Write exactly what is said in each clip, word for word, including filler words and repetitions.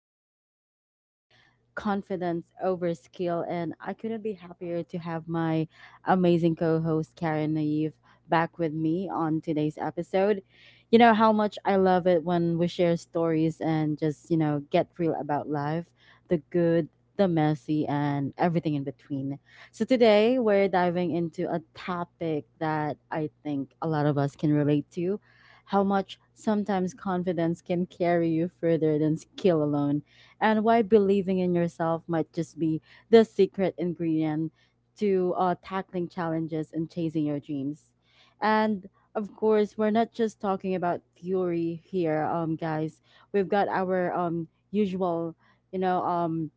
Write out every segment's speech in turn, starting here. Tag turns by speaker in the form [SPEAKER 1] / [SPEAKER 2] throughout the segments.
[SPEAKER 1] for today's episode Confidence over Skill, and I couldn't be happier to have my amazing co host Karen Naive back with me on today's episode. You know how much I love it when we share stories and just, you know, get real about life the good, the messy, and everything in between. So today we're diving into a topic that I think a lot of us can relate to how much sometimes confidence can carry you further than skill alone, and why believing in yourself might just be the secret ingredient to uh, tackling challenges and chasing your dreams. And of course, we're not just talking about theory here, um, guys. We've got our um, usual, you know, um,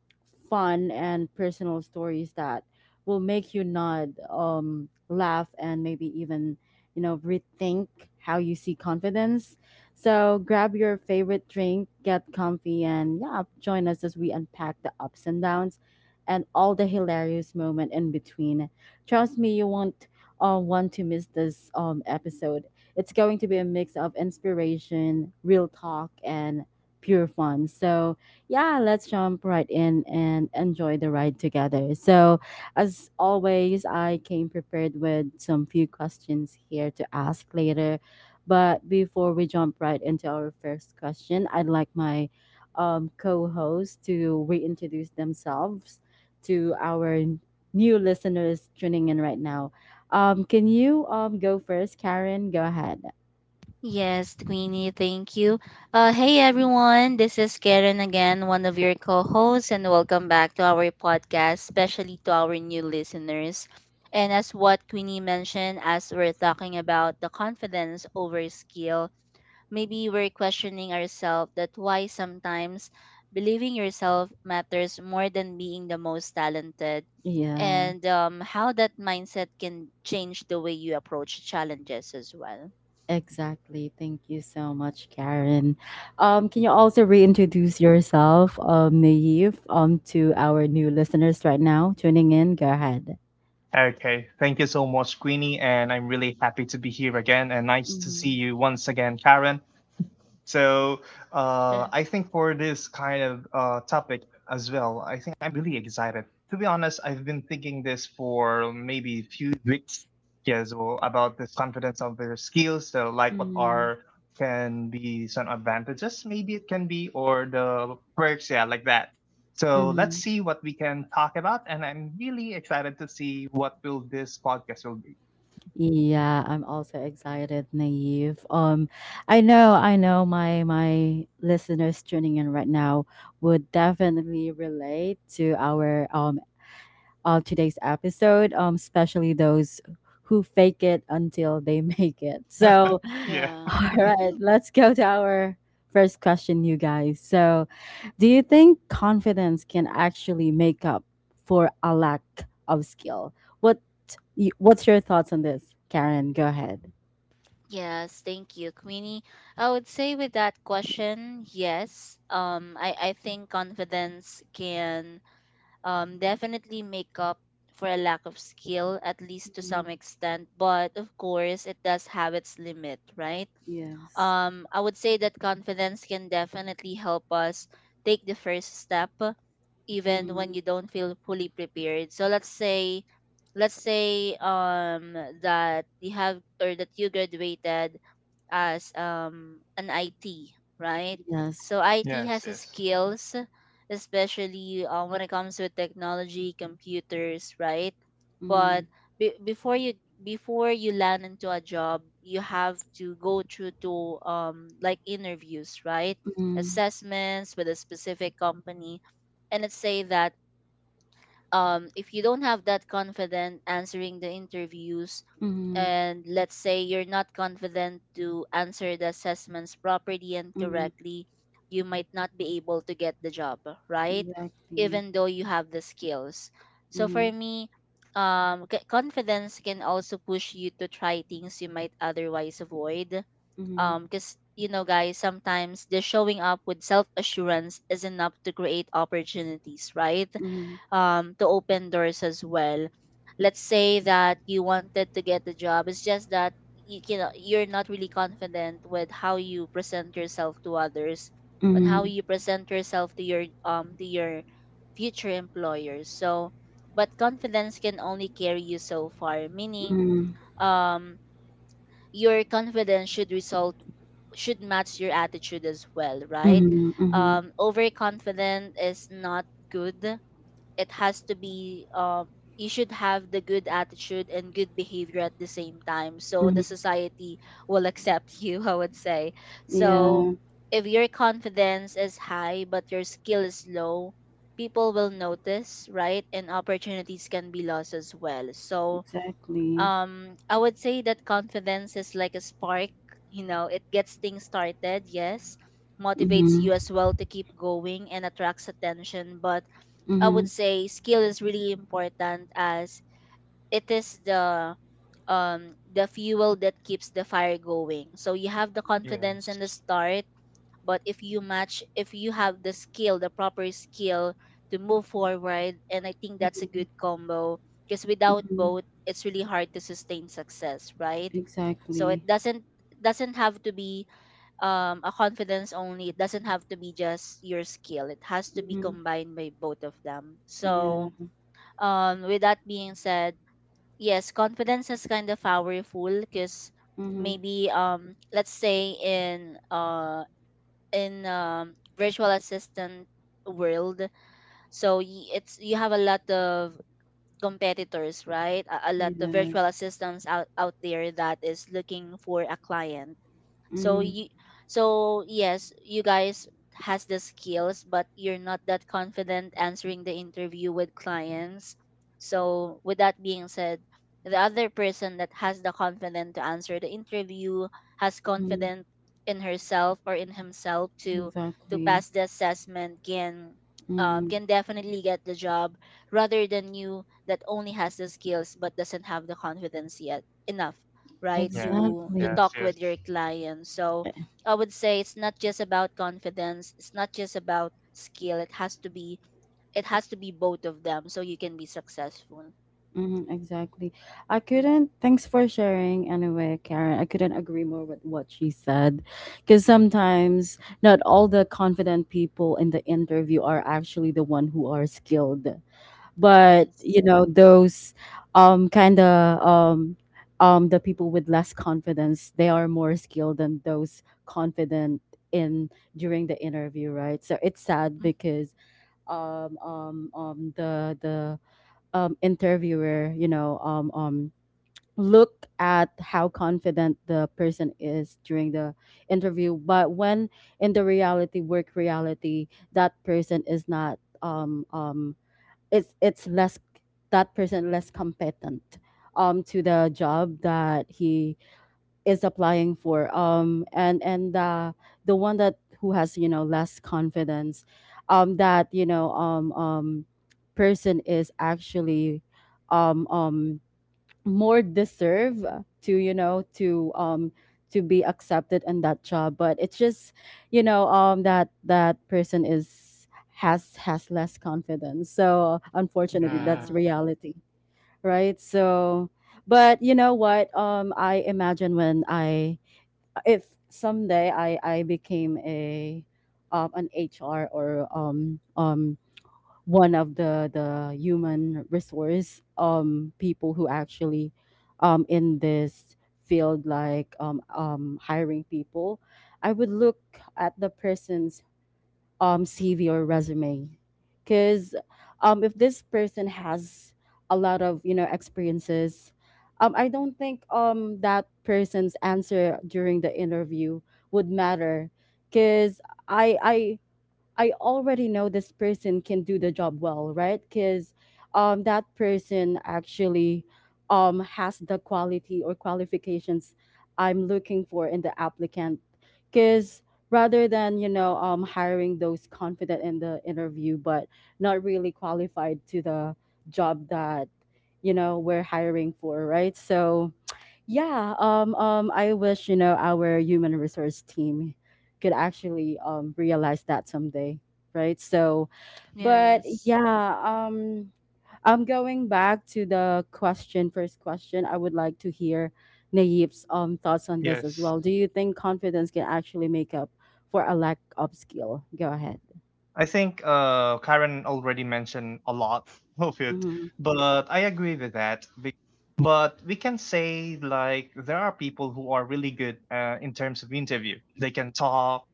[SPEAKER 1] fun and personal stories that will make you nod, um, laugh, and maybe even, you know, rethink how you see confidence. So grab your favorite drink, get comfy, and yeah, join us as we unpack the ups and downs and all the hilarious moment in between. Trust me, you won't uh, want to miss this um, episode. It's going to be a mix of inspiration, real talk, and pure fun. So yeah, let's jump right in and enjoy the ride together. So as always, I came prepared with some few questions here to ask later. But before we jump right into our first question, I'd like my um, co host to reintroduce themselves to our n- new listeners tuning in right now. Um, can you um, go first, Karen? Go ahead.
[SPEAKER 2] Yes, Queenie, thank you. Uh, hey everyone, this is Karen again, one of your co hosts, and welcome back to our podcast, especially to our new listeners. And as what Queenie mentioned, as we're talking about the confidence over skill, maybe we're questioning ourselves that why sometimes believing yourself matters more than being the most talented,
[SPEAKER 1] Yeah.
[SPEAKER 2] and um, how that mindset can change the way you approach challenges as well.
[SPEAKER 1] Exactly. Thank you so much, Karen. Um, can you also reintroduce yourself, um, Naive, um, to our new listeners right now tuning in? Go ahead.
[SPEAKER 3] Okay. Thank you so much, Queenie. And I'm really happy to be here again. And nice to see
[SPEAKER 1] Mm-hmm.
[SPEAKER 3] you once again, Karen. So uh, I think for this kind of uh, topic as well, I think I'm really excited. To be honest, I've been thinking this for maybe a few weeks, yeah, as well, about this confidence of their skills. So like what
[SPEAKER 1] Mm-hmm.
[SPEAKER 3] are can be some advantages, maybe it can be, or the perks, yeah, like that. So let's
[SPEAKER 1] Mm-hmm.
[SPEAKER 3] see what we can talk about. And I'm really excited to see what will this podcast will be.
[SPEAKER 1] Yeah, I'm also excited, Naive. Um, I know, I know, my my listeners tuning in right now would definitely relate to our um of today's episode, um, especially those who fake it until they make it. So,
[SPEAKER 3] Yeah.
[SPEAKER 2] Yeah.
[SPEAKER 1] all right, let's go to our first question, you guys. So, do you think confidence can actually make up for a lack of skill? What y- What's your thoughts on this, Karen? Go ahead.
[SPEAKER 2] Yes, thank you, Queenie. I would say with that question, yes. Um, I, I think confidence can um definitely make up for a lack of skill, at least to
[SPEAKER 1] Hmm.
[SPEAKER 2] some extent. But of course, it does have its limit, right?
[SPEAKER 1] Yes.
[SPEAKER 2] Um, I would say that confidence can definitely help us take the first step even when
[SPEAKER 1] Mm.
[SPEAKER 2] you don't feel fully prepared. So let's say let's say um that you have or that you graduated as um, an I T, right?
[SPEAKER 1] Yes.
[SPEAKER 2] So I T
[SPEAKER 3] Yes,
[SPEAKER 2] has a
[SPEAKER 3] yes.
[SPEAKER 2] skills, especially uh, when it comes with technology, computers, right?
[SPEAKER 1] Mm-hmm.
[SPEAKER 2] But be- before you before you land into a job, you have to go through to um, like interviews, right?
[SPEAKER 1] Mm.
[SPEAKER 2] Assessments with a specific company, and let's say that um, if you don't have that confident answering the interviews,
[SPEAKER 1] Mm.
[SPEAKER 2] and let's say you're not confident to answer the assessments properly and
[SPEAKER 1] Mm,
[SPEAKER 2] correctly, you might not be able to get the job, right?
[SPEAKER 1] exactly.
[SPEAKER 2] Even though you have the skills. So for
[SPEAKER 1] Mm-hmm.
[SPEAKER 2] me, um, c- confidence can also push you to try things you might otherwise avoid.
[SPEAKER 1] Mm.
[SPEAKER 2] Um, because you know, guys, sometimes just showing up with self assurance is enough to create opportunities, right?
[SPEAKER 1] Mm.
[SPEAKER 2] Um to open doors as well. Let's say that you wanted to get the job, it's just that you can you're not really confident with how you present yourself to others, on how
[SPEAKER 1] Mm.
[SPEAKER 2] you present yourself to your um to your future employers. So but confidence can only carry you so far, meaning
[SPEAKER 1] Mhm.
[SPEAKER 2] um your confidence should result should match your attitude as well, right?
[SPEAKER 1] Mhm. Mhm.
[SPEAKER 2] Um overconfident is not good. It has to be, um you should have the good attitude and good behavior at the same time, so the
[SPEAKER 1] Mhm.
[SPEAKER 2] society will accept you, I would say. So
[SPEAKER 1] Yeah,
[SPEAKER 2] if your confidence is high but your skill is low, people will notice, right, and opportunities can be lost as well. So
[SPEAKER 1] exactly.
[SPEAKER 2] um I would say that confidence is like a spark, you know. It gets things started, yes, motivates
[SPEAKER 1] Mhm.
[SPEAKER 2] you as well to keep going and attracts attention. But I would
[SPEAKER 1] Mhm.
[SPEAKER 2] say skill is really important as it is the um the fuel that keeps the fire going. So you have the confidence in the
[SPEAKER 3] Yes.
[SPEAKER 2] start, but if you match if you have the skill, the proper skill to move forward, and I think that's a
[SPEAKER 1] Mhm.
[SPEAKER 2] good combo because without
[SPEAKER 1] Mhm.
[SPEAKER 2] both, it's really hard to sustain success, right? So it
[SPEAKER 1] Exactly.
[SPEAKER 2] doesn't doesn't have to be um, a confidence only. It doesn't have to be just your skill. It has to be
[SPEAKER 1] Mhm.
[SPEAKER 2] combined by both of them.
[SPEAKER 1] Yeah.
[SPEAKER 2] So um with that being said, yes, confidence is kind of powerful because
[SPEAKER 1] Mhm.
[SPEAKER 2] maybe um let's say in uh in um virtual assistant world. So y- it's you have a lot of competitors, right, a, a lot of virtual
[SPEAKER 1] Yes.
[SPEAKER 2] assistants out out there that is looking for a client. so
[SPEAKER 1] Mhm.
[SPEAKER 2] you so yes, you guys has the skills, but you're not that confident answering the interview with clients. So with that being said, the other person that has the confidence to answer the interview, has
[SPEAKER 1] Mhm.
[SPEAKER 2] confidence in herself or in himself to to
[SPEAKER 1] Exactly.
[SPEAKER 2] pass the assessment can um,
[SPEAKER 1] Mhm.
[SPEAKER 2] can definitely get the job rather than you that only has the skills but doesn't have the confidence yet enough, right,
[SPEAKER 3] Yeah.
[SPEAKER 2] to to
[SPEAKER 1] Exactly.
[SPEAKER 3] Yes.
[SPEAKER 2] talk
[SPEAKER 3] Yes.
[SPEAKER 2] with your clients. So I would say it's not just about confidence, it's not just about skill. It has to be it has to be both of them so you can be successful.
[SPEAKER 1] Mm, exactly. I
[SPEAKER 2] Mm.
[SPEAKER 1] couldn't. Thanks for sharing anyway, Karen. I couldn't agree more with what she said. Because sometimes not all the confident people in the interview are actually the one who are skilled. But
[SPEAKER 2] Yes.
[SPEAKER 1] you know those um kind of um um the people with less confidence, they are more skilled than those confident in during the interview, right? So it's sad
[SPEAKER 2] Mm,
[SPEAKER 1] because um um um the the um interviewer, you know, um um look at how confident the person is during the interview, but when in the reality, work reality, that person is not um um it's it's less, that person less competent um to the job that he is applying for, um and and uh, the one that who has, you know, less confidence, um that you know um um person is actually um um more deserve to, you know, to um to be accepted in that job, but it's just, you know, um that that person is has has less confidence, so unfortunately
[SPEAKER 3] Mm.
[SPEAKER 1] that's
[SPEAKER 2] yeah.
[SPEAKER 1] reality, right? So but you know what, um I imagine when I, if someday i i became a um an H R or um um one of the the human resource um people who actually um in this field, like um um hiring people, I would look at the person's um C V or resume, because um if this person has a lot of, you know, experiences, um I don't think um that person's answer during the interview would matter, because i i I already know this person can do the job well, right? Because um, that person actually um, has the quality or qualifications I'm looking for in the applicant. Because rather than you know um, hiring those confident in the interview but not really qualified to the job that, you know, we're hiring for, right? So yeah, um, um, I wish, you know, our human resource team could actually um, realize that someday, right? So, but
[SPEAKER 2] Yes.
[SPEAKER 1] yeah, um, I'm going back to the question, first question. I would like to hear Naif's um, thoughts on this as
[SPEAKER 3] Yes.
[SPEAKER 1] well. Do you think confidence can actually make up for a lack of skill? Go ahead.
[SPEAKER 3] I think uh, Karen already mentioned a lot of it,
[SPEAKER 1] Hmm.
[SPEAKER 3] but I agree with that. be- But we can say like there are people who are really good uh, in terms of interview. They can talk.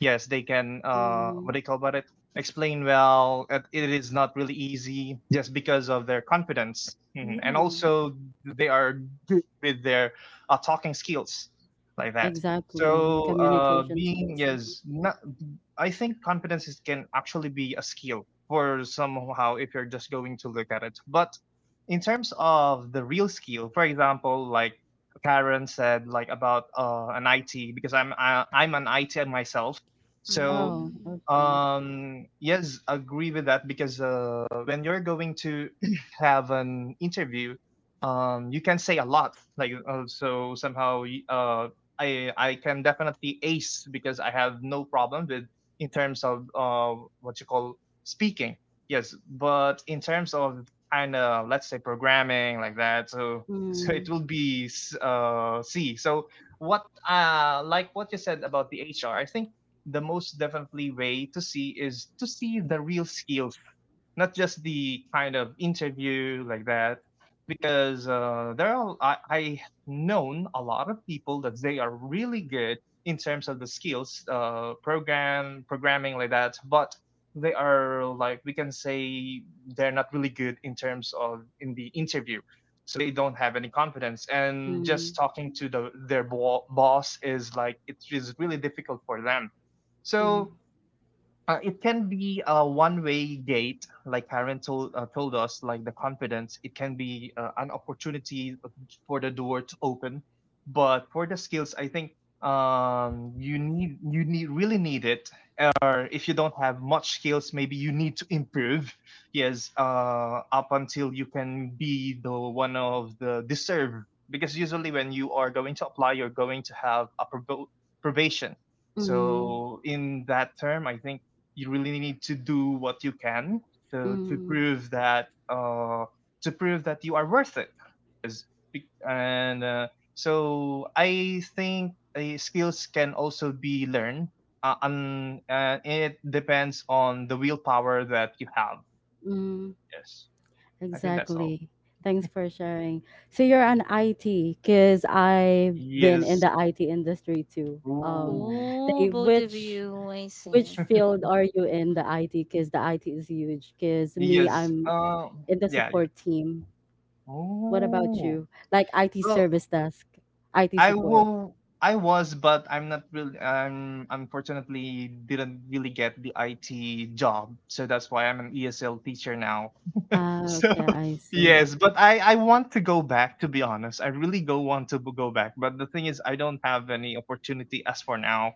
[SPEAKER 3] Yes, they can. Uh,
[SPEAKER 1] Hmm.
[SPEAKER 3] what do you call about it? Explain well. It it is not really easy just because of their confidence, mhm, and
[SPEAKER 1] Yeah,
[SPEAKER 3] also they are good with their uh, talking skills like that. So
[SPEAKER 1] exactly.
[SPEAKER 3] uh,
[SPEAKER 1] Communication
[SPEAKER 3] being
[SPEAKER 1] skills. Mhm.
[SPEAKER 3] yes, not I think confidence is, can actually be a skill for somehow if you're just going to look at it. But in terms of the real skill, for example, like Karen said, like about uh, an I T, because I'm I, I'm an I T myself. So
[SPEAKER 1] Oh,
[SPEAKER 2] Mm.
[SPEAKER 1] okay.
[SPEAKER 3] um, yes, agree with that because uh, when you're going to have an interview, um, you can say a lot. Like uh, so somehow uh, I I can definitely ace because I have no problem with in terms of uh, what you call speaking. Yes, but in terms of kind of let's say programming like that, so so it will be uh, C. So what uh like what you said about the H R, I think the most definitely way to see is to see the real skills, not just the kind of interview like that, because uh, there are I, I known a lot of people that they are really good in terms of the skills uh, program programming like that, but they are like we can say they're not really good in terms of in the interview, so they don't have any confidence, and
[SPEAKER 1] Mm-hmm.
[SPEAKER 3] just talking to the their bo- boss is like it is really difficult for them. So uh, it can be a one-way gate, like Karen told uh, told us, like the confidence. It can be uh, an opportunity uh, for the door to open, but for the skills, I think um, you need you need really need it. Or if you don't have much skills, maybe you need to improve. Yes, uh, up until you can be the one of the deserve. Because usually when you are going to apply, you're going to have a probo- probation.
[SPEAKER 1] Mm,
[SPEAKER 3] So in that term, I think you really need to do what you can to to
[SPEAKER 1] mm,
[SPEAKER 3] prove that uh to prove that you are worth it. And uh, so I think uh, skills can also be learned. Uh, and uh, it depends on the willpower that you have.
[SPEAKER 1] mm,
[SPEAKER 3] Yes, I think that's all.
[SPEAKER 1] exactly. Thanks for sharing. So you're an I T because I've been in
[SPEAKER 3] Yes.
[SPEAKER 1] the I T industry too. Um,
[SPEAKER 3] Ooh.
[SPEAKER 1] they,
[SPEAKER 2] Oh, both of
[SPEAKER 1] which
[SPEAKER 2] you, I
[SPEAKER 1] which
[SPEAKER 2] see.
[SPEAKER 1] field are you in the I T? Because the I T is huge. Because me,
[SPEAKER 3] Yes.
[SPEAKER 1] I'm
[SPEAKER 3] Uh,
[SPEAKER 1] in the
[SPEAKER 3] yeah, yeah.
[SPEAKER 1] support team. What about
[SPEAKER 3] Oh.
[SPEAKER 1] you? Like I T service
[SPEAKER 3] Well,
[SPEAKER 1] desk, I T
[SPEAKER 3] I
[SPEAKER 1] support.
[SPEAKER 3] will. I was, but I'm not really. I'm unfortunately didn't really get the I T job, so that's why I'm an E S L teacher now.
[SPEAKER 1] Ah,
[SPEAKER 3] So
[SPEAKER 1] okay, I see.
[SPEAKER 3] yes, but I I want to go back, to be honest. I really go want to go back, but the thing is I don't have any opportunity as for now.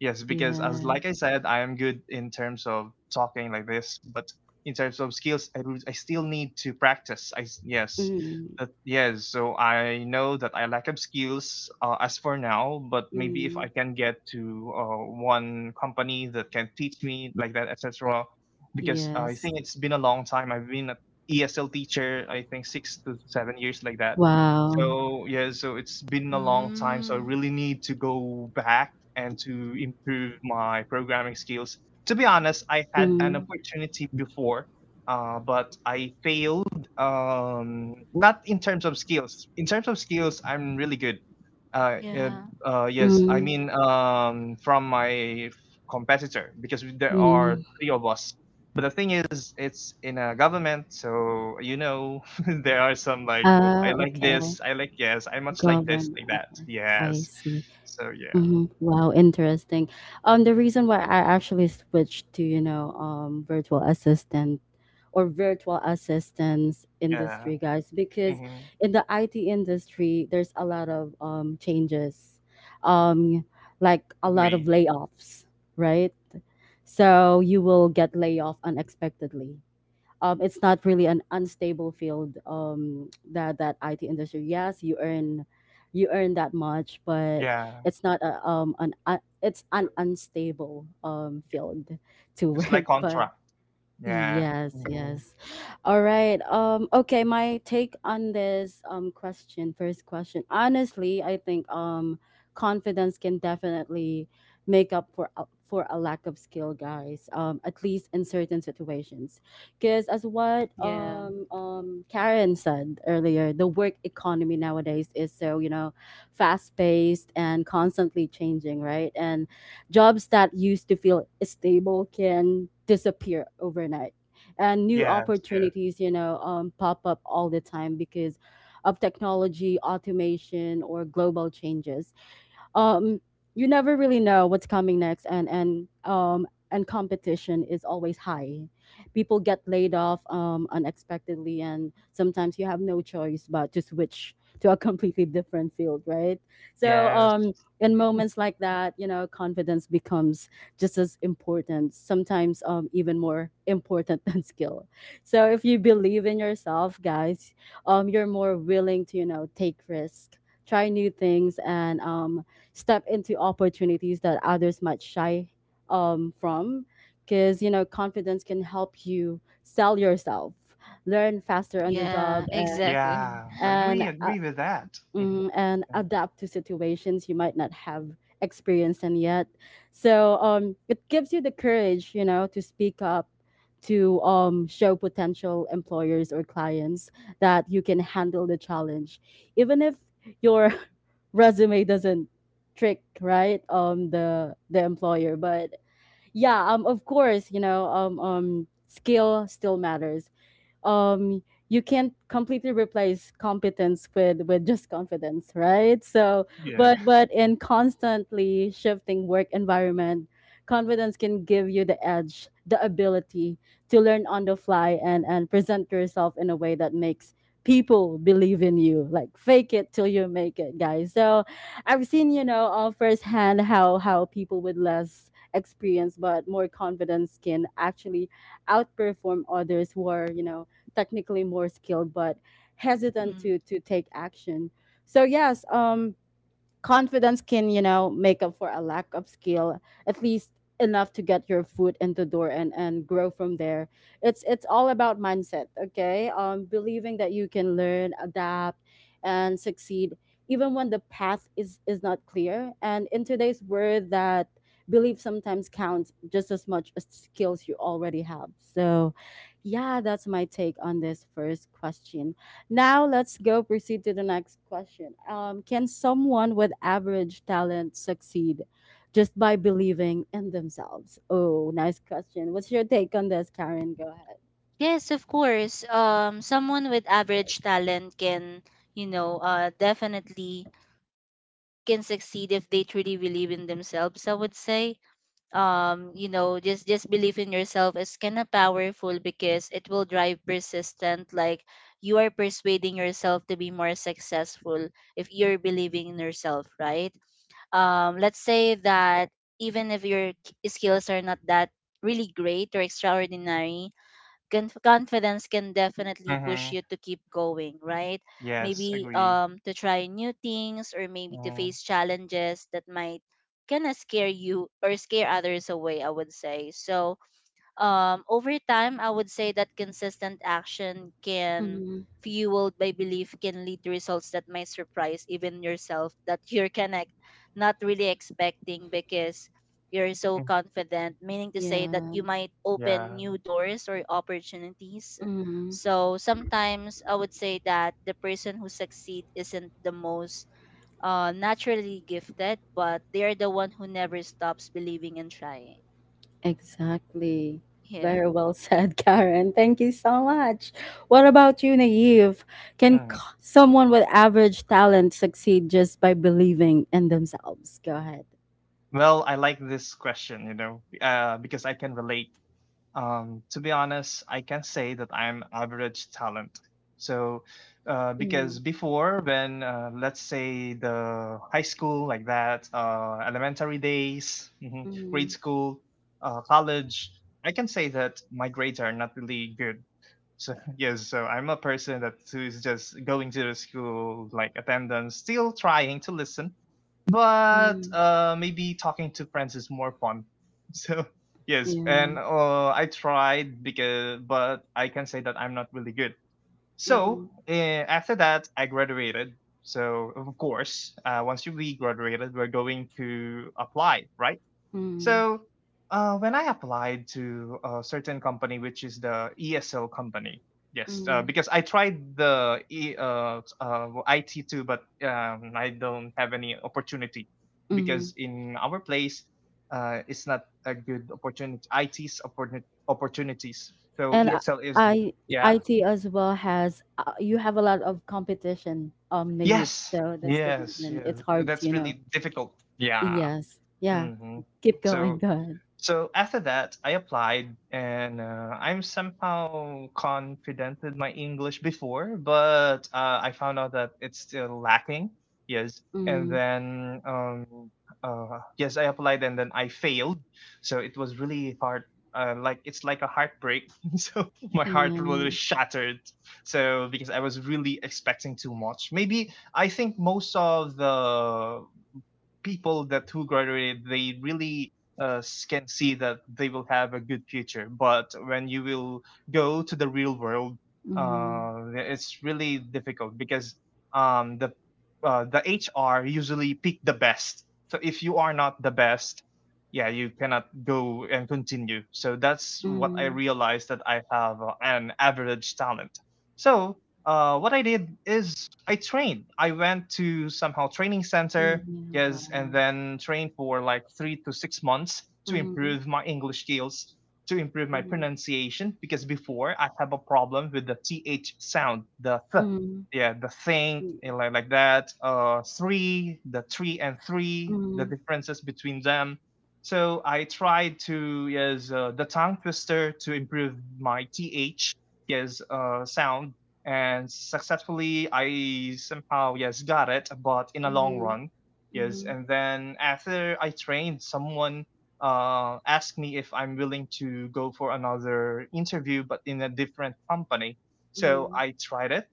[SPEAKER 3] Yes, because as
[SPEAKER 1] Yeah.
[SPEAKER 3] like I said, I am good in terms of talking like this, but in terms of skills, I, would- I still need to practice. I s- yes.
[SPEAKER 1] Mm,
[SPEAKER 3] That, yes, so I know that I lack of skills uh, as for now, but maybe if I
[SPEAKER 1] mm,
[SPEAKER 3] can get to uh, one company that can teach me like that, etc, because I
[SPEAKER 1] yes.
[SPEAKER 3] think it's been a long time. I've been at E S L teacher, I think six to seven years like that.
[SPEAKER 1] Wow.
[SPEAKER 3] So yeah, so it's been a long time. So I
[SPEAKER 2] Mm.
[SPEAKER 3] really need to go back and to improve my programming skills. To be honest, I had an
[SPEAKER 1] Mm,
[SPEAKER 3] opportunity before, uh, but I failed. Um, not in terms of skills. In terms of skills, I'm really good. Uh, uh,
[SPEAKER 2] Yeah.
[SPEAKER 3] uh, yes, I
[SPEAKER 1] mm.
[SPEAKER 3] mean um, from my competitor, because there are
[SPEAKER 1] Mm.
[SPEAKER 3] three of us, but the thing is, it's in a government, so you know there are some like, oh, I
[SPEAKER 1] Ah,
[SPEAKER 3] like
[SPEAKER 1] okay.
[SPEAKER 3] this, I like yes, I much like this,
[SPEAKER 1] Govern
[SPEAKER 3] like that,
[SPEAKER 1] okay. I
[SPEAKER 3] yes.
[SPEAKER 1] see.
[SPEAKER 3] So yeah,
[SPEAKER 1] Mhm. Wow, interesting. Um, the reason why I actually switched to, you know, um, virtual assistant or virtual assistants
[SPEAKER 3] yeah,
[SPEAKER 1] industry, guys, because
[SPEAKER 3] hmm,
[SPEAKER 1] in the I T industry, there's a lot of um changes, um, like a lot of
[SPEAKER 3] agree.
[SPEAKER 1] layoffs, right? So you will get laid off unexpectedly, um, it's not really an unstable field, um, that that I T industry. Yes, you earn you earn that much, but
[SPEAKER 3] Yeah,
[SPEAKER 1] it's not a, um, an uh, it's an unstable um, field to
[SPEAKER 3] it's like
[SPEAKER 1] work. But
[SPEAKER 3] contract. Yeah,
[SPEAKER 1] yes,
[SPEAKER 3] hmm,
[SPEAKER 1] yes. All right. Um okay, my take on this um question, first question. Honestly, I think um confidence can definitely make up for a- for a lack of skill, guys. Um at least in certain situations. Cuz as what
[SPEAKER 2] Yeah.
[SPEAKER 1] um um Karen said earlier, the work economy nowadays is so, you know, fast-paced and constantly changing, right? And jobs that used to feel stable can disappear overnight. And new
[SPEAKER 3] yes, yes,
[SPEAKER 1] opportunities, you know, um, pop up all the time because of technology, automation, or global changes. um you never really know what's coming next, and and um and competition is always high. People get laid off um unexpectedly, and sometimes you have no choice but to switch to a completely different field, right? So
[SPEAKER 3] yes.
[SPEAKER 1] um in moments like that, you know, confidence becomes just as important, sometimes um even more important than skill. So if you believe in yourself, guys, um you're more willing to, you know, take risk, try new things, and um step into opportunities that others might shy um, from, because, you know, confidence can help you sell yourself, learn faster on the
[SPEAKER 2] Yeah,
[SPEAKER 1] job, and
[SPEAKER 2] exactly.
[SPEAKER 3] Yeah,
[SPEAKER 1] and,
[SPEAKER 3] agree,
[SPEAKER 1] uh,
[SPEAKER 3] agree with that. Hmm.
[SPEAKER 1] mm, and adapt to situations you might not have experienced in yet. So um, it gives you the courage, you know, to speak up, to um, show potential employers or clients that you can handle the challenge, even if your resume doesn't trick, right, um the the employer. But yeah, um of course, you know, um um skill still matters. um you can't completely replace competence with with just confidence, right? So
[SPEAKER 3] Yeah.
[SPEAKER 1] but but in constantly shifting work environment, confidence can give you the edge, the ability to learn on the fly and and present yourself in a way that makes people believe in you, like fake it till you make it, guys. So I've seen, you know, uh, firsthand how how people with less experience but more confidence can actually outperform others who are, you know, technically more skilled but hesitant to to take action. So yes, um confidence can, you know, make up for a lack of skill, at least enough to get your foot in the door and and grow from there. it's it's all about mindset, okay? Um believing that you can learn, adapt, and succeed even when the path is is not clear, and in today's world, that belief sometimes counts just as much as skills you already have. So yeah, that's my take on this first question. Now let's go proceed to the next question. Um, can someone with average talent succeed just by believing in themselves? Oh, nice question. What's your take on this, Karen? Go ahead.
[SPEAKER 2] Yes, of course. Um, someone with average talent can, you know, uh, definitely can succeed if they truly believe in themselves. I would say, um, you know, just just believe in yourself is kind of powerful because it will drive persistent. Like you are persuading yourself to be more successful if you're believing in yourself, right? Um, let's say that even if your k- skills are not that really great or extraordinary, Conf- confidence can definitely push
[SPEAKER 3] Mm-hmm.
[SPEAKER 2] you to keep going, right?
[SPEAKER 3] Yes,
[SPEAKER 2] Maybe
[SPEAKER 3] agree.
[SPEAKER 2] um to try new things, or maybe to
[SPEAKER 3] Mm.
[SPEAKER 2] face challenges that might kind of scare you or scare others away, I would say. So, um, over time, I would say that consistent action can,
[SPEAKER 1] Hmm.
[SPEAKER 2] fueled by belief, can lead to results that may surprise even yourself, that you're connect, not really expecting, because you're so
[SPEAKER 3] Mm.
[SPEAKER 2] confident, meaning to say that
[SPEAKER 1] Yeah.
[SPEAKER 2] you might open
[SPEAKER 3] Yeah.
[SPEAKER 2] new doors or opportunities.
[SPEAKER 1] Hmm.
[SPEAKER 2] So sometimes I would say that the person who succeed isn't the most uh, naturally gifted, but they are the one who never stops believing and trying.
[SPEAKER 1] Exactly. Very
[SPEAKER 2] Yeah.
[SPEAKER 1] well said, Karen. Thank you so much. What about you, Naive? Can c-
[SPEAKER 3] Mm.
[SPEAKER 1] someone with average talent succeed just by believing in themselves? Go ahead.
[SPEAKER 3] Well, I like this question, you know, uh, because I can relate. Um, to be honest, I can say that I'm average talent. So, uh, because
[SPEAKER 1] Hmm.
[SPEAKER 3] before, when uh, let's say the high school, like that, uh, elementary days, mhm, grade
[SPEAKER 1] Hmm.
[SPEAKER 3] school, uh, college, I can say that my grades are not really good. So, yes, so I'm a person that who is just going to the school, like attendance, still trying to listen, but
[SPEAKER 1] Hmm.
[SPEAKER 3] uh, maybe talking to friends is more fun. So yes,
[SPEAKER 1] Yeah.
[SPEAKER 3] and uh, I tried because, but I can say that I'm not really good. So
[SPEAKER 1] Mm-hmm.
[SPEAKER 3] uh, after that, I graduated. So of course, uh, once you be graduated, we're going to apply, right?
[SPEAKER 1] Mm,
[SPEAKER 3] So uh, when I applied to a certain company, which is the E S L company, yes, uh,
[SPEAKER 1] mm,
[SPEAKER 3] because I tried the e, uh, uh, I T too, but um, I don't have any opportunity
[SPEAKER 1] mm.
[SPEAKER 3] because in our place, uh, it's not a good opportunity. I T's opportuni- opportunities. So
[SPEAKER 1] And I,
[SPEAKER 3] E S L is yeah,
[SPEAKER 1] IT as well has uh, you have a lot of competition, um, Naive.
[SPEAKER 3] yes,
[SPEAKER 1] So that's the
[SPEAKER 3] yes,
[SPEAKER 1] reason
[SPEAKER 3] yes.
[SPEAKER 1] it's hard to,
[SPEAKER 3] That's
[SPEAKER 1] you know.
[SPEAKER 3] really difficult. Yeah.
[SPEAKER 1] Yes. Yeah.
[SPEAKER 3] Hmm.
[SPEAKER 1] Keep going.
[SPEAKER 3] So,
[SPEAKER 1] Go ahead.
[SPEAKER 3] so after that, I applied, and uh, I'm somehow confident with my English before, but uh, I found out that it's still lacking. Yes, and
[SPEAKER 1] Mm,
[SPEAKER 3] then um, uh, yes, I applied, and then I failed. So it was really hard. Uh, like it's like a heartbreak. So my heart really
[SPEAKER 1] yeah.
[SPEAKER 3] shattered. So because I was really expecting too much. Maybe I think most of the people that who graduated they really uh, can see that they will have a good future, but when you will go to the real world,
[SPEAKER 1] Mm,
[SPEAKER 3] uh, it's really difficult because um, the uh, the HR usually pick the best, so if you are not the best, yeah, you cannot go and continue. So that's what I
[SPEAKER 1] mm,
[SPEAKER 3] realized, that I have uh, an average talent. So uh, what I did is I trained, I went to somehow training
[SPEAKER 1] yeah.
[SPEAKER 3] center. Yes, and
[SPEAKER 1] Wow.
[SPEAKER 3] then train for like three to six months to
[SPEAKER 1] Mm,
[SPEAKER 3] improve my English skills, to improve my
[SPEAKER 1] mm,
[SPEAKER 3] pronunciation, because before I have a problem with the th sound, the th,
[SPEAKER 1] mm,
[SPEAKER 3] yeah, the thing,
[SPEAKER 1] mm,
[SPEAKER 3] and like like that. Uh, three, the three and three, the
[SPEAKER 1] mm,
[SPEAKER 3] differences between them. So I tried to yes uh, the tongue twister to improve my th, yes uh, sound, and successfully I somehow yes got it, but in a long
[SPEAKER 1] mm,
[SPEAKER 3] run. Yes,
[SPEAKER 1] mm,
[SPEAKER 3] and then after I trained, someone uh, asked me if I'm willing to go for another interview, but in a different company. So
[SPEAKER 1] mm,
[SPEAKER 3] I tried it,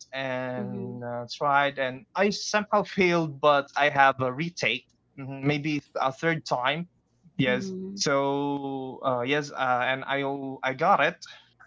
[SPEAKER 1] mm,
[SPEAKER 3] and uh, tried, and I somehow failed, but I have a retake, mhm, maybe a third time. Yes.
[SPEAKER 1] mm,
[SPEAKER 3] So uh, yes, uh, and I I got it,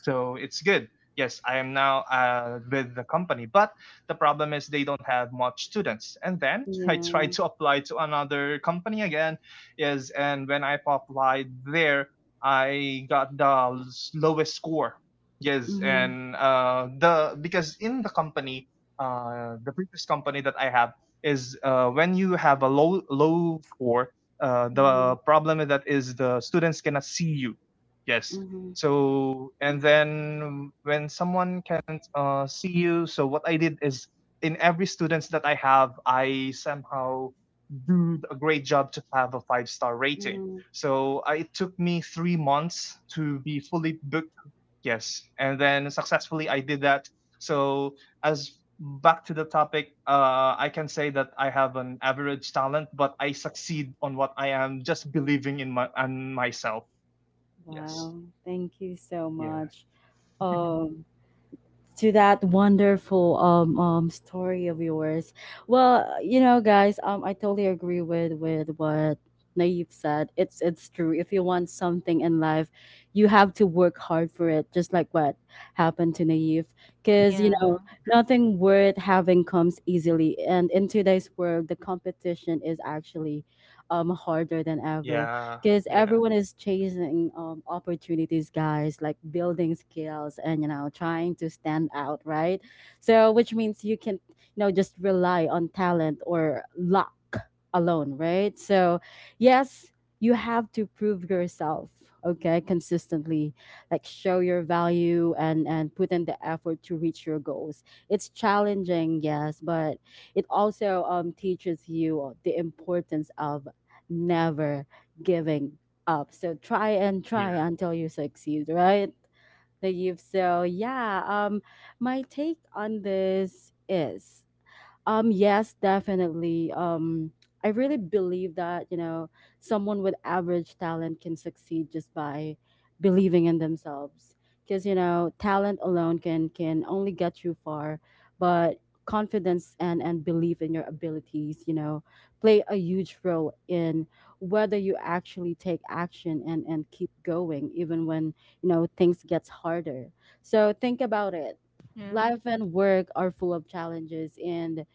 [SPEAKER 3] so it's good. Yes, I am now uh, with the company, but the problem is they don't have much students. And then I tried
[SPEAKER 1] yeah.
[SPEAKER 3] to apply to another company again. Is and when I applied there, I got the lowest score. Yes,
[SPEAKER 1] Mm,
[SPEAKER 3] and uh, the because in the company, uh, the previous company that I have is uh, when you have a low low score, uh,
[SPEAKER 1] mm,
[SPEAKER 3] the problem with that is the students cannot see you. Yes,
[SPEAKER 1] mm,
[SPEAKER 3] so, and then when someone can't uh, see you, so what I did is in every students that I have, I somehow do a great job to have a five star rating.
[SPEAKER 1] mm.
[SPEAKER 3] So I, it took me three months to be fully booked. Yes, and then successfully I did that. So as back to the topic, uh, I can say that I have an average talent, but I succeed on what I am just believing in my on myself. Yes.
[SPEAKER 1] Wow, thank you so
[SPEAKER 3] Yeah.
[SPEAKER 1] much. Um, to that wonderful um um story of yours. Well, you know, guys, um, I totally agree with with what Naive said. It's it's true. If you want something in life, you have to work hard for it. Just like what happened to Naive, because you know
[SPEAKER 2] Yeah.
[SPEAKER 1] nothing worth having comes easily. And in today's world, the competition is actually um harder than ever
[SPEAKER 3] Yeah,
[SPEAKER 1] because
[SPEAKER 3] yeah,
[SPEAKER 1] everyone is chasing um, opportunities, guys, like building skills and, you know, trying to stand out, right? So which means you can, you know, just rely on talent or luck alone, right? So yes, you have to prove yourself, okay, consistently, like show your value and and put in the effort to reach your goals. It's challenging, yes, but it also um, teaches you the importance of never giving up. So try and
[SPEAKER 3] yeah.
[SPEAKER 1] try until you succeed, right, Naive? So yeah, um, my take on this is um, yes, definitely. Um, I really believe that, you know, someone with average talent can succeed just by believing in themselves. Because, you know, talent alone can can only get you far, but confidence and and belief in your abilities, you know, play a huge role in whether you actually take action and and keep going even when, you know, things gets harder. So think about it.
[SPEAKER 2] Yeah.
[SPEAKER 1] Life and work are full of challenges and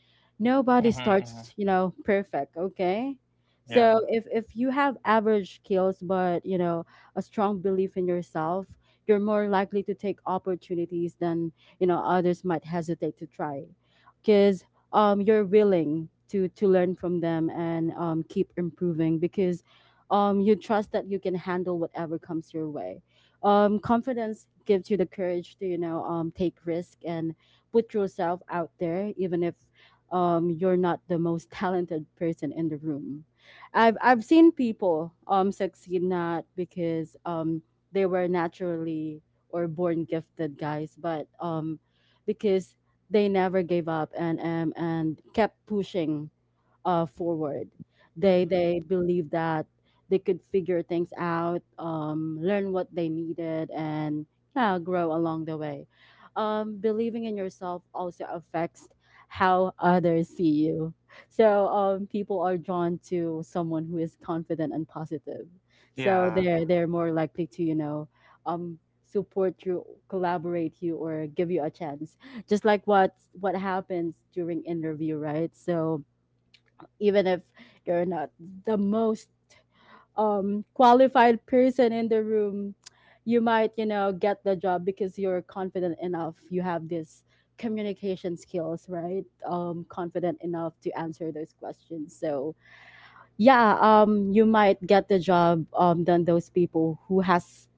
[SPEAKER 3] Mhm,
[SPEAKER 1] nobody
[SPEAKER 3] mhm.
[SPEAKER 1] starts, you know, perfect, okay? So
[SPEAKER 3] Yeah,
[SPEAKER 1] if if you have average skills but, you know, a strong belief in yourself, you're more likely to take opportunities than, you know, others might hesitate to try because um you're willing to to learn from them and um keep improving because um you trust that you can handle whatever comes your way. Um confidence gives you the courage to, you know, um take risk and put yourself out there even if um, you're not the most talented person in the room. I've I've seen people um succeed not because um they were naturally or born gifted, guys, but um because they never gave up and um and kept pushing uh, forward. They they
[SPEAKER 2] Mm-hmm.
[SPEAKER 1] believe that they could figure things out, um, learn what they needed, and yeah, grow along the way. Um, believing in yourself also affects how others see you. So um, people are drawn to someone who is confident and positive. So
[SPEAKER 3] yeah,
[SPEAKER 1] they're they're more likely to, you know, um, support you, collaborate you, or give you a chance. Just like what what happens during interview, right? So even if you're not the most um qualified person in the room, you might, you know, get the job because you're confident enough, you have this communication skills, right? Um confident enough to answer those questions, so yeah, um you might get the job, um than those people who has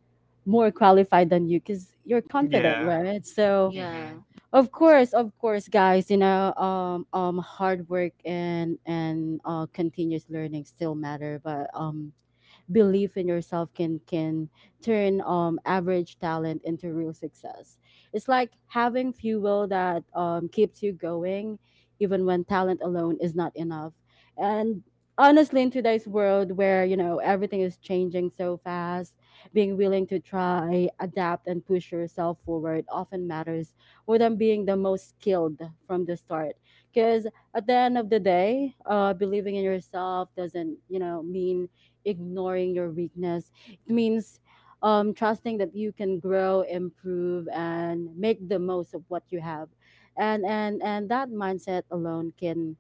[SPEAKER 1] more qualified than you because you're confident,
[SPEAKER 3] yeah.
[SPEAKER 1] right? So
[SPEAKER 2] Yeah.
[SPEAKER 3] Mhm.
[SPEAKER 1] of course, of course, guys. You know, um, um, hard work and and uh, continuous learning still matter, but um, belief in yourself can can turn um, average talent into real success. It's like having fuel that um, keeps you going, even when talent alone is not enough. And honestly, in today's world where, you know, everything is changing so fast, being willing to try, adapt, and push yourself forward often matters more than being the most skilled from the start. Because at the end of the day, uh, believing in yourself doesn't, you know, mean ignoring your weakness. It means um, trusting that you can grow, improve, and make the most of what you have. And and and that mindset alone can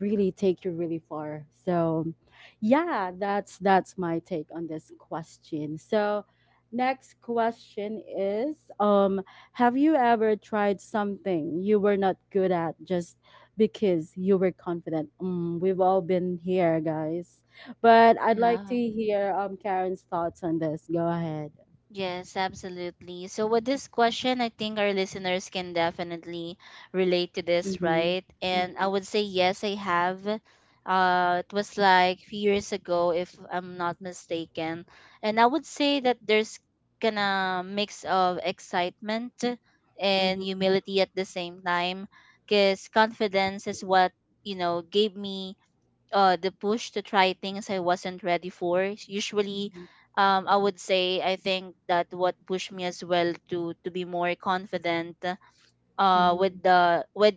[SPEAKER 1] really take you really far. So yeah, that's that's my take on this question. So next question is, um have you ever tried something you were not good at just because you were confident? Mm, we've all been here, guys. But I'd like to
[SPEAKER 2] Yeah.
[SPEAKER 1] hear um Karen's thoughts on this. Go ahead.
[SPEAKER 2] Yes, absolutely. So with this question, I think our listeners can definitely relate to this,
[SPEAKER 1] Mhm.
[SPEAKER 2] right? And I
[SPEAKER 1] Mhm.
[SPEAKER 2] would say yes, I have. Uh, it was like few years ago, if I'm not mistaken. And I would say that there's gonna mix of excitement and
[SPEAKER 1] Mhm.
[SPEAKER 2] humility at the same time, because confidence is what, you know, gave me uh the push to try things I wasn't ready for. Usually, um, I would say I think that what pushed me as well to to be more confident uh with
[SPEAKER 1] Mhm.
[SPEAKER 2] the with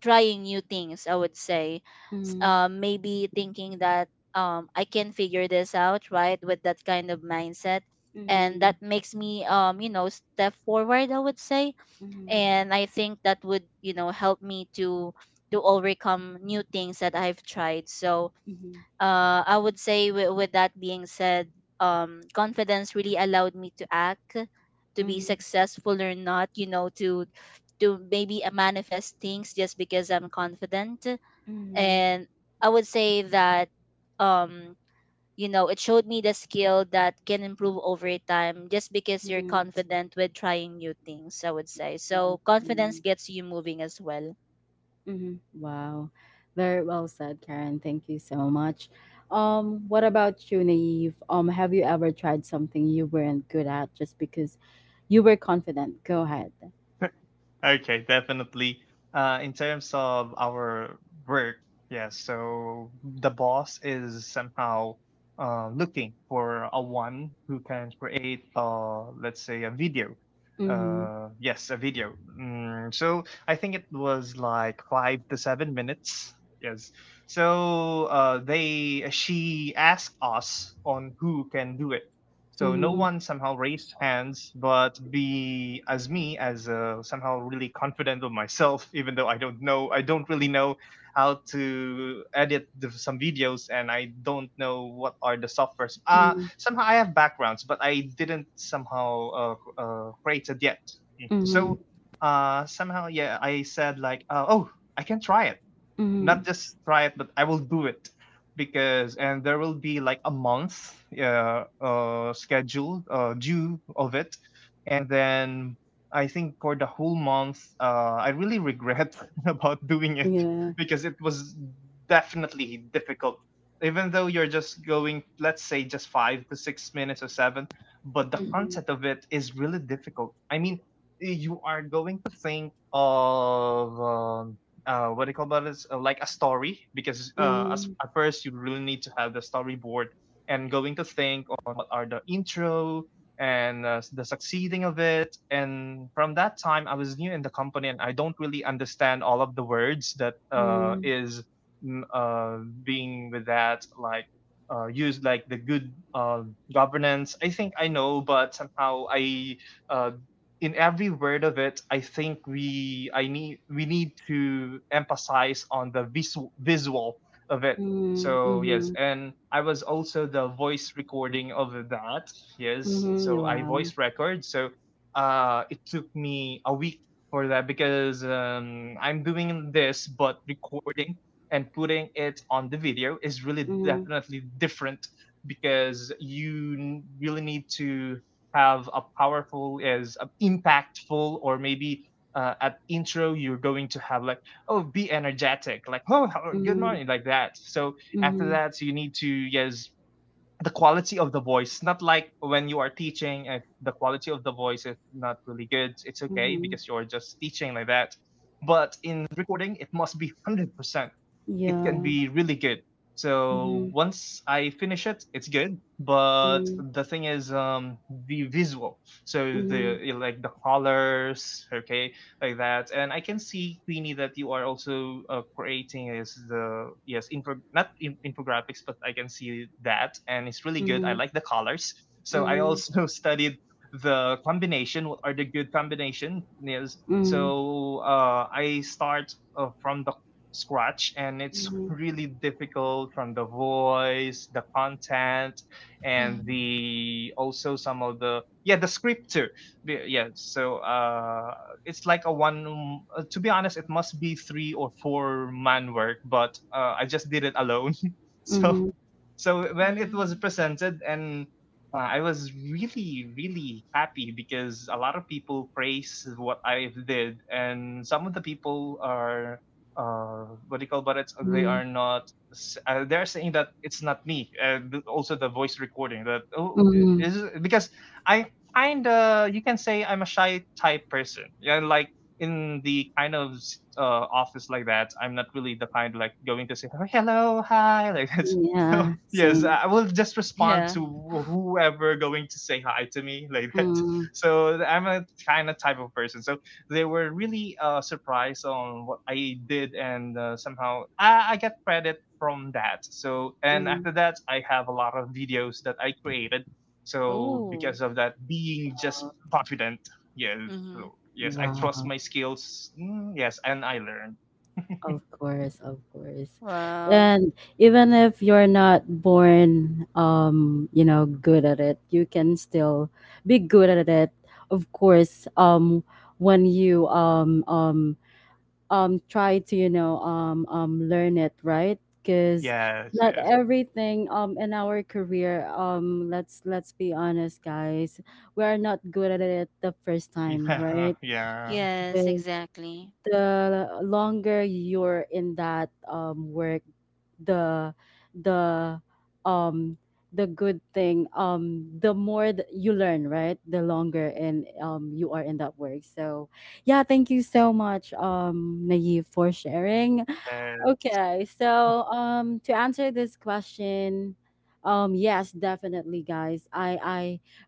[SPEAKER 2] trying new things, I would say. S-
[SPEAKER 1] Mhm.
[SPEAKER 2] uh, maybe thinking that um I can figure this out, right? With that kind of mindset. And
[SPEAKER 1] Mhm.
[SPEAKER 2] that makes me, um, you know, step forward, I would say,
[SPEAKER 1] Mhm.
[SPEAKER 2] and I think that would, you know, help me to to overcome new things that I've tried. So,
[SPEAKER 1] Mhm. Mhm.
[SPEAKER 2] uh, I would say, w- with that being said, um, confidence really allowed me to act, to be
[SPEAKER 1] Mhm.
[SPEAKER 2] successful or not, you know, to to maybe uh, manifest things just because I'm confident.
[SPEAKER 1] Mhm.
[SPEAKER 2] And I would say that, um, you know, it showed me the skill that can improve over time just because you're
[SPEAKER 1] Mhm.
[SPEAKER 2] confident with trying new things, I would say. So confidence
[SPEAKER 1] Exactly.
[SPEAKER 2] gets you moving as well.
[SPEAKER 1] Mhm. Wow. Very well said, Karen. Thank you so much. Um, what about you, Naive? Um, have you ever tried something you weren't good at just because you were confident? Go ahead.
[SPEAKER 3] Okay, definitely. Uh, in terms of our work, yeah, so the boss is somehow uh, looking for a one who can create, uh, let's say, a video.
[SPEAKER 1] Mm-hmm.
[SPEAKER 3] Uh, yes, a video. Mm, so I think it was like five to seven minutes. Yes. So uh, they she asked us on who can do it, so no
[SPEAKER 1] Mm-hmm.
[SPEAKER 3] one somehow raised hands, but be as me as uh, somehow really confident of myself, even though I don't know, I don't really know how to edit the, some videos, and I don't know what are the softwares. Uh,
[SPEAKER 1] Mm-hmm.
[SPEAKER 3] somehow I have backgrounds, but I didn't somehow uh, uh, create it yet. Mhm.
[SPEAKER 1] Mm-hmm.
[SPEAKER 2] Mm-hmm.
[SPEAKER 3] So uh, somehow, yeah, I said like, uh, oh, I can try it
[SPEAKER 1] Mm-hmm.
[SPEAKER 3] not just try it, but I will do it because and there will be like a month uh, uh schedule uh due of it. And then I think for the whole month uh I really regret about doing it
[SPEAKER 1] Yeah.
[SPEAKER 3] because it was definitely difficult, even though you're just going, let's say, just five to six minutes or seven. But the
[SPEAKER 1] Mhm.
[SPEAKER 3] concept of it is really difficult. I mean, you are going to think of um uh, what do you call that, is uh, like a story, because uh, as,
[SPEAKER 1] Mhm.
[SPEAKER 3] at first you really need to have the storyboard and going to think on what are the intro and uh, the succeeding of it. And from that time I was new in the company, and I don't really understand all of the words that uh,
[SPEAKER 1] Mhm.
[SPEAKER 3] is mm, uh, being with that, like uh, used like the good uh, governance, I think I know, but somehow I uh, in every word of it, I think we I need we need to emphasize on the visual visual of it.
[SPEAKER 1] Mhm.
[SPEAKER 3] So yes,
[SPEAKER 1] Mhm.
[SPEAKER 3] and I was also the voice recording of that. Yes,
[SPEAKER 1] Mhm. Ja,
[SPEAKER 3] so I
[SPEAKER 1] wow.
[SPEAKER 3] voice record. So uh, it took me a week for that, because um, I'm doing this, but recording and putting it on the video is really
[SPEAKER 1] Mhm.
[SPEAKER 3] definitely different, because you n- really need to have a powerful, is uh, impactful, or maybe uh, at intro you're going to have like, oh, be energetic, like, oh, hello, good
[SPEAKER 1] Mhm.
[SPEAKER 3] morning, like that. So after
[SPEAKER 1] Mhm.
[SPEAKER 3] that you need to, yes, the quality of the voice, not like when you are teaching. If the quality of the voice is not really good, it's okay,
[SPEAKER 1] Mhm.
[SPEAKER 3] because you're just teaching like that. But in recording it must be one hundred percent, it
[SPEAKER 1] Ja.
[SPEAKER 3] can be really good. So
[SPEAKER 1] Mhm.
[SPEAKER 3] once I finish it, it's good. But
[SPEAKER 1] Mhm.
[SPEAKER 3] the thing is, um, the visual. So the like the colors, okay, like that. And I can see Queenie that you are also uh, creating is the, yes, info not in, infographics, but I can see that, and it's really good. I
[SPEAKER 1] Mhm.
[SPEAKER 3] like the colors. So I
[SPEAKER 1] Mhm.
[SPEAKER 3] also studied the combination. What are the good combination? Yes.
[SPEAKER 1] Mhm.
[SPEAKER 3] So uh, I start uh, from the scratch, and it's
[SPEAKER 1] Mhm.
[SPEAKER 3] really difficult, from the voice, the content, and
[SPEAKER 2] Mm-hmm.
[SPEAKER 3] the, also some of the, yeah, the script too. Be- yeah, so uh it's like a one, uh, to be honest, it must be three or four man work, but uh, I just did it alone
[SPEAKER 1] Mhm.
[SPEAKER 3] so
[SPEAKER 1] Mhm.
[SPEAKER 3] so when it was
[SPEAKER 2] Mm-hmm.
[SPEAKER 3] presented, and uh, I was really, really happy because a lot of people praise what I did, and some of the people are, uh, what do you call, but it's they
[SPEAKER 1] Mhm.
[SPEAKER 3] are not. S- Uh, they're saying that it's not me. Uh, th- also, the voice recording that, oh, i-
[SPEAKER 1] Mhm.
[SPEAKER 3] is because I kind of, you can say I'm a shy type person. Yeah, like in the kind of s- uh, office like that, I'm not really the kind like going to say, "Oh, hello, hi," like that.
[SPEAKER 1] Yeah,
[SPEAKER 3] Yes,
[SPEAKER 1] same.
[SPEAKER 3] I will just respond
[SPEAKER 2] Yeah.
[SPEAKER 3] to whoever going to say hi to me like that.
[SPEAKER 1] Mhm.
[SPEAKER 3] So I'm a kind of type of person. So they were really uh, surprised on what I did, and uh, somehow I, I get credit from that. So and
[SPEAKER 1] Mhm.
[SPEAKER 3] after that, I have a lot of videos that I created. So
[SPEAKER 2] Ooh.
[SPEAKER 3] because of that, being just confident, yes,
[SPEAKER 2] Mm-hmm.
[SPEAKER 3] so, yes, I trust
[SPEAKER 1] Wow.
[SPEAKER 3] my skills. Mm, yes, and I learn.
[SPEAKER 1] Of course, of course.
[SPEAKER 2] Wow.
[SPEAKER 1] And even if you're not born um, you know, good at it, you can still be good at it. Of course, um when you um um um try to, you know, um um learn it, right? Cuz
[SPEAKER 3] Yes,
[SPEAKER 1] not
[SPEAKER 3] yes,
[SPEAKER 1] everything um in our career, um let's let's be honest, guys, we are not good at it the first time,
[SPEAKER 3] yeah,
[SPEAKER 1] right?
[SPEAKER 3] yeah.
[SPEAKER 2] Yes, exactly.
[SPEAKER 1] The longer you're in that um work, the the um the good thing, um the more that you learn, right? The longer and um you are in that work. So yeah, thank you so much, um Naive, for sharing.
[SPEAKER 3] Uh,
[SPEAKER 1] Okay, so um to answer this question, um yes, definitely, guys. I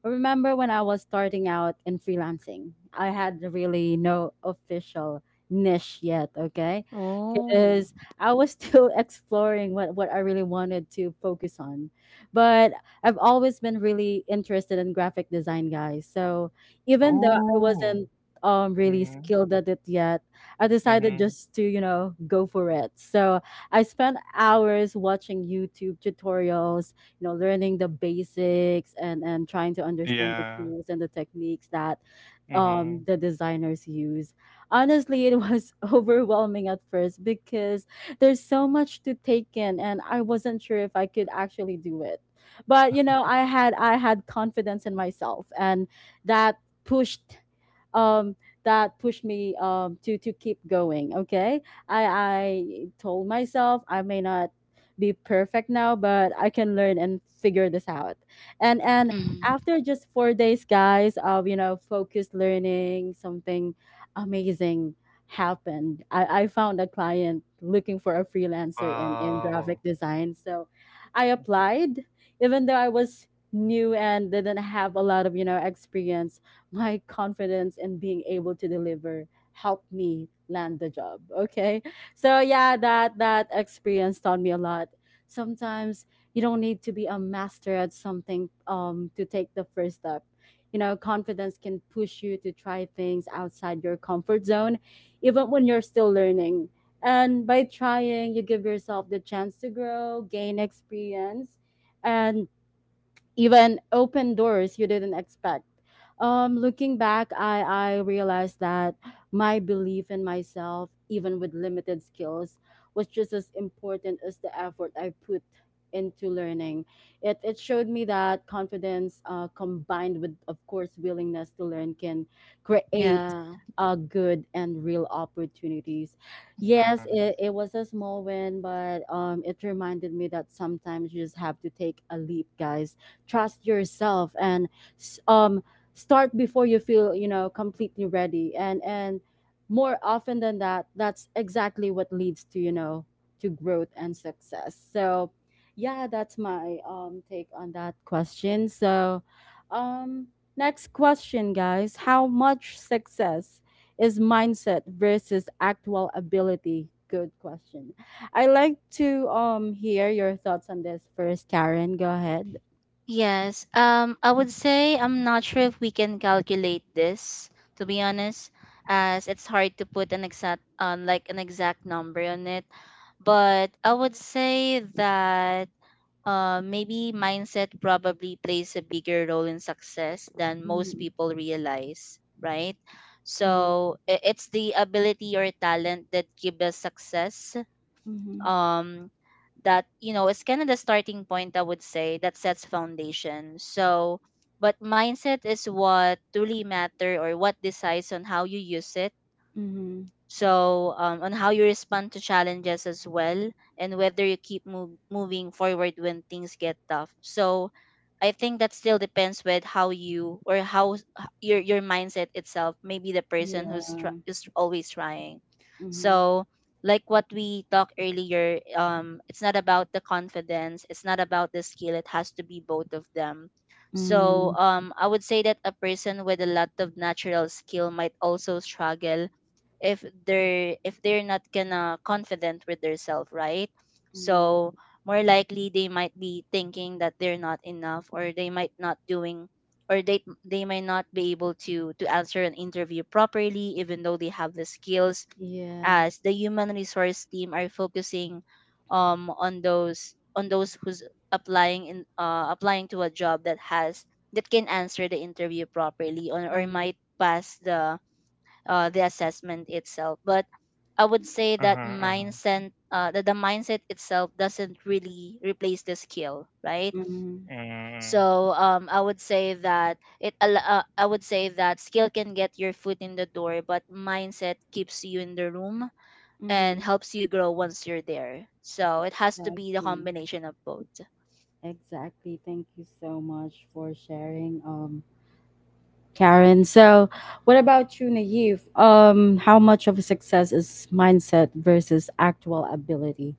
[SPEAKER 1] I remember when I was starting out in freelancing. I had really no official niche yet, okay?
[SPEAKER 2] Oh.
[SPEAKER 1] Because I was still exploring what what I really wanted to focus on. But I've always been really interested in graphic design, guys. So even though I
[SPEAKER 3] oh.
[SPEAKER 1] wasn't um really
[SPEAKER 3] Mhm,
[SPEAKER 1] skilled at it yet, I decided
[SPEAKER 3] mhm.
[SPEAKER 1] just to, you know, go for it. So I spent hours watching YouTube tutorials, you know, learning the basics and, and trying to understand the
[SPEAKER 3] Yeah.
[SPEAKER 1] tools and the techniques that um,
[SPEAKER 3] Mhm.
[SPEAKER 1] the designers use. Honestly, it was overwhelming at first because there's so much to take in, and I wasn't sure if I could actually do it. But you know, I had I had confidence in myself, and that pushed um, that pushed me, um, to to keep going. Okay, I I told myself I may not be perfect now, but I can learn and figure this out. And and
[SPEAKER 2] Mm,
[SPEAKER 1] after just four days, guys, of, you know, focused learning, something amazing happened. I, I found a client looking for a freelancer in in graphic
[SPEAKER 3] Wow.
[SPEAKER 1] design, so I applied even though I was new and didn't have a lot of, you know, experience. My confidence in being able to deliver helped me land the job, okay? So yeah, that that experience taught me a lot. Sometimes you don't need to be a master at something, um, to take the first step. You know, confidence can push you to try things outside your comfort zone even when you're still learning, and by trying you give yourself the chance to grow, gain experience, and even open doors you didn't expect. Um, looking back, I, I realized that my belief in myself, even with limited skills, was just as important as the effort I put into learning. It, it showed me that confidence, uh, combined with, of course, willingness to learn, can create
[SPEAKER 2] yeah.
[SPEAKER 1] uh, good and real opportunities. Yes,
[SPEAKER 3] Mhm,
[SPEAKER 1] it, it was a small win, but um, it reminded me that sometimes you just have to take a leap, guys, trust yourself and s- um start before you feel, you know, completely ready, and and more often than that, that's exactly what leads to, you know, to growth and success. So yeah, that's my um take on that question. So um next question, guys: how much success is mindset versus actual ability? Good question. I like to um hear your thoughts on this first. Karen, go ahead.
[SPEAKER 2] Yes. Um, I would say I'm not sure if we can calculate this, to be honest, as it's hard to put an exact, uh, like an exact number on it. But I would say that uh, maybe mindset probably plays a bigger role in success than most
[SPEAKER 1] Mhm,
[SPEAKER 2] people realize, right?
[SPEAKER 1] mhm,
[SPEAKER 2] So i- it's the ability or talent that gives us success,
[SPEAKER 1] mhm,
[SPEAKER 2] um that you know it's kind of the starting point, I would say, that sets foundation. So but mindset is what truly matter or what decides on how you use it.
[SPEAKER 1] mhm.
[SPEAKER 2] So um, on how you respond to challenges as well, and whether you keep move, moving forward when things get tough. So I think that still depends with how you, or how s- h- your your mindset itself. Maybe the person
[SPEAKER 1] Yeah.
[SPEAKER 2] who's tr- is always trying.
[SPEAKER 1] Mhm.
[SPEAKER 2] So like what we talked earlier, um it's not about the confidence, it's not about the skill, it has to be both of them. So
[SPEAKER 1] Mm,
[SPEAKER 2] um I would say that a person with a lot of natural skill might also struggle if they're if they're not gonna confident with themselves, right?
[SPEAKER 1] mm.
[SPEAKER 2] So more likely they might be thinking that they're not enough, or they might not doing or they they might not be able to to answer an interview properly even though they have the skills,
[SPEAKER 1] Yeah.
[SPEAKER 2] as the human resource team are focusing um on those, on those who's applying in uh, applying to a job that has that can answer the interview properly, or, or
[SPEAKER 1] Mm,
[SPEAKER 2] might pass the uh, the assessment itself. But I would say that
[SPEAKER 3] mhm,
[SPEAKER 2] mindset, uh, that the mindset itself doesn't really replace the skill, right?
[SPEAKER 1] mhm,
[SPEAKER 3] mhm, mm.
[SPEAKER 2] So um, I would say that it. al- Uh, I would say that skill can get your foot in the door, but mindset keeps you in the room and
[SPEAKER 1] mhm.
[SPEAKER 2] helps you grow once you're there. So it has to be the
[SPEAKER 1] Exactly.
[SPEAKER 2] combination of both.
[SPEAKER 1] Exactly. Thank you so much for sharing, um, Karen. So what about you, Naive? Um, how much of a success is mindset versus actual ability?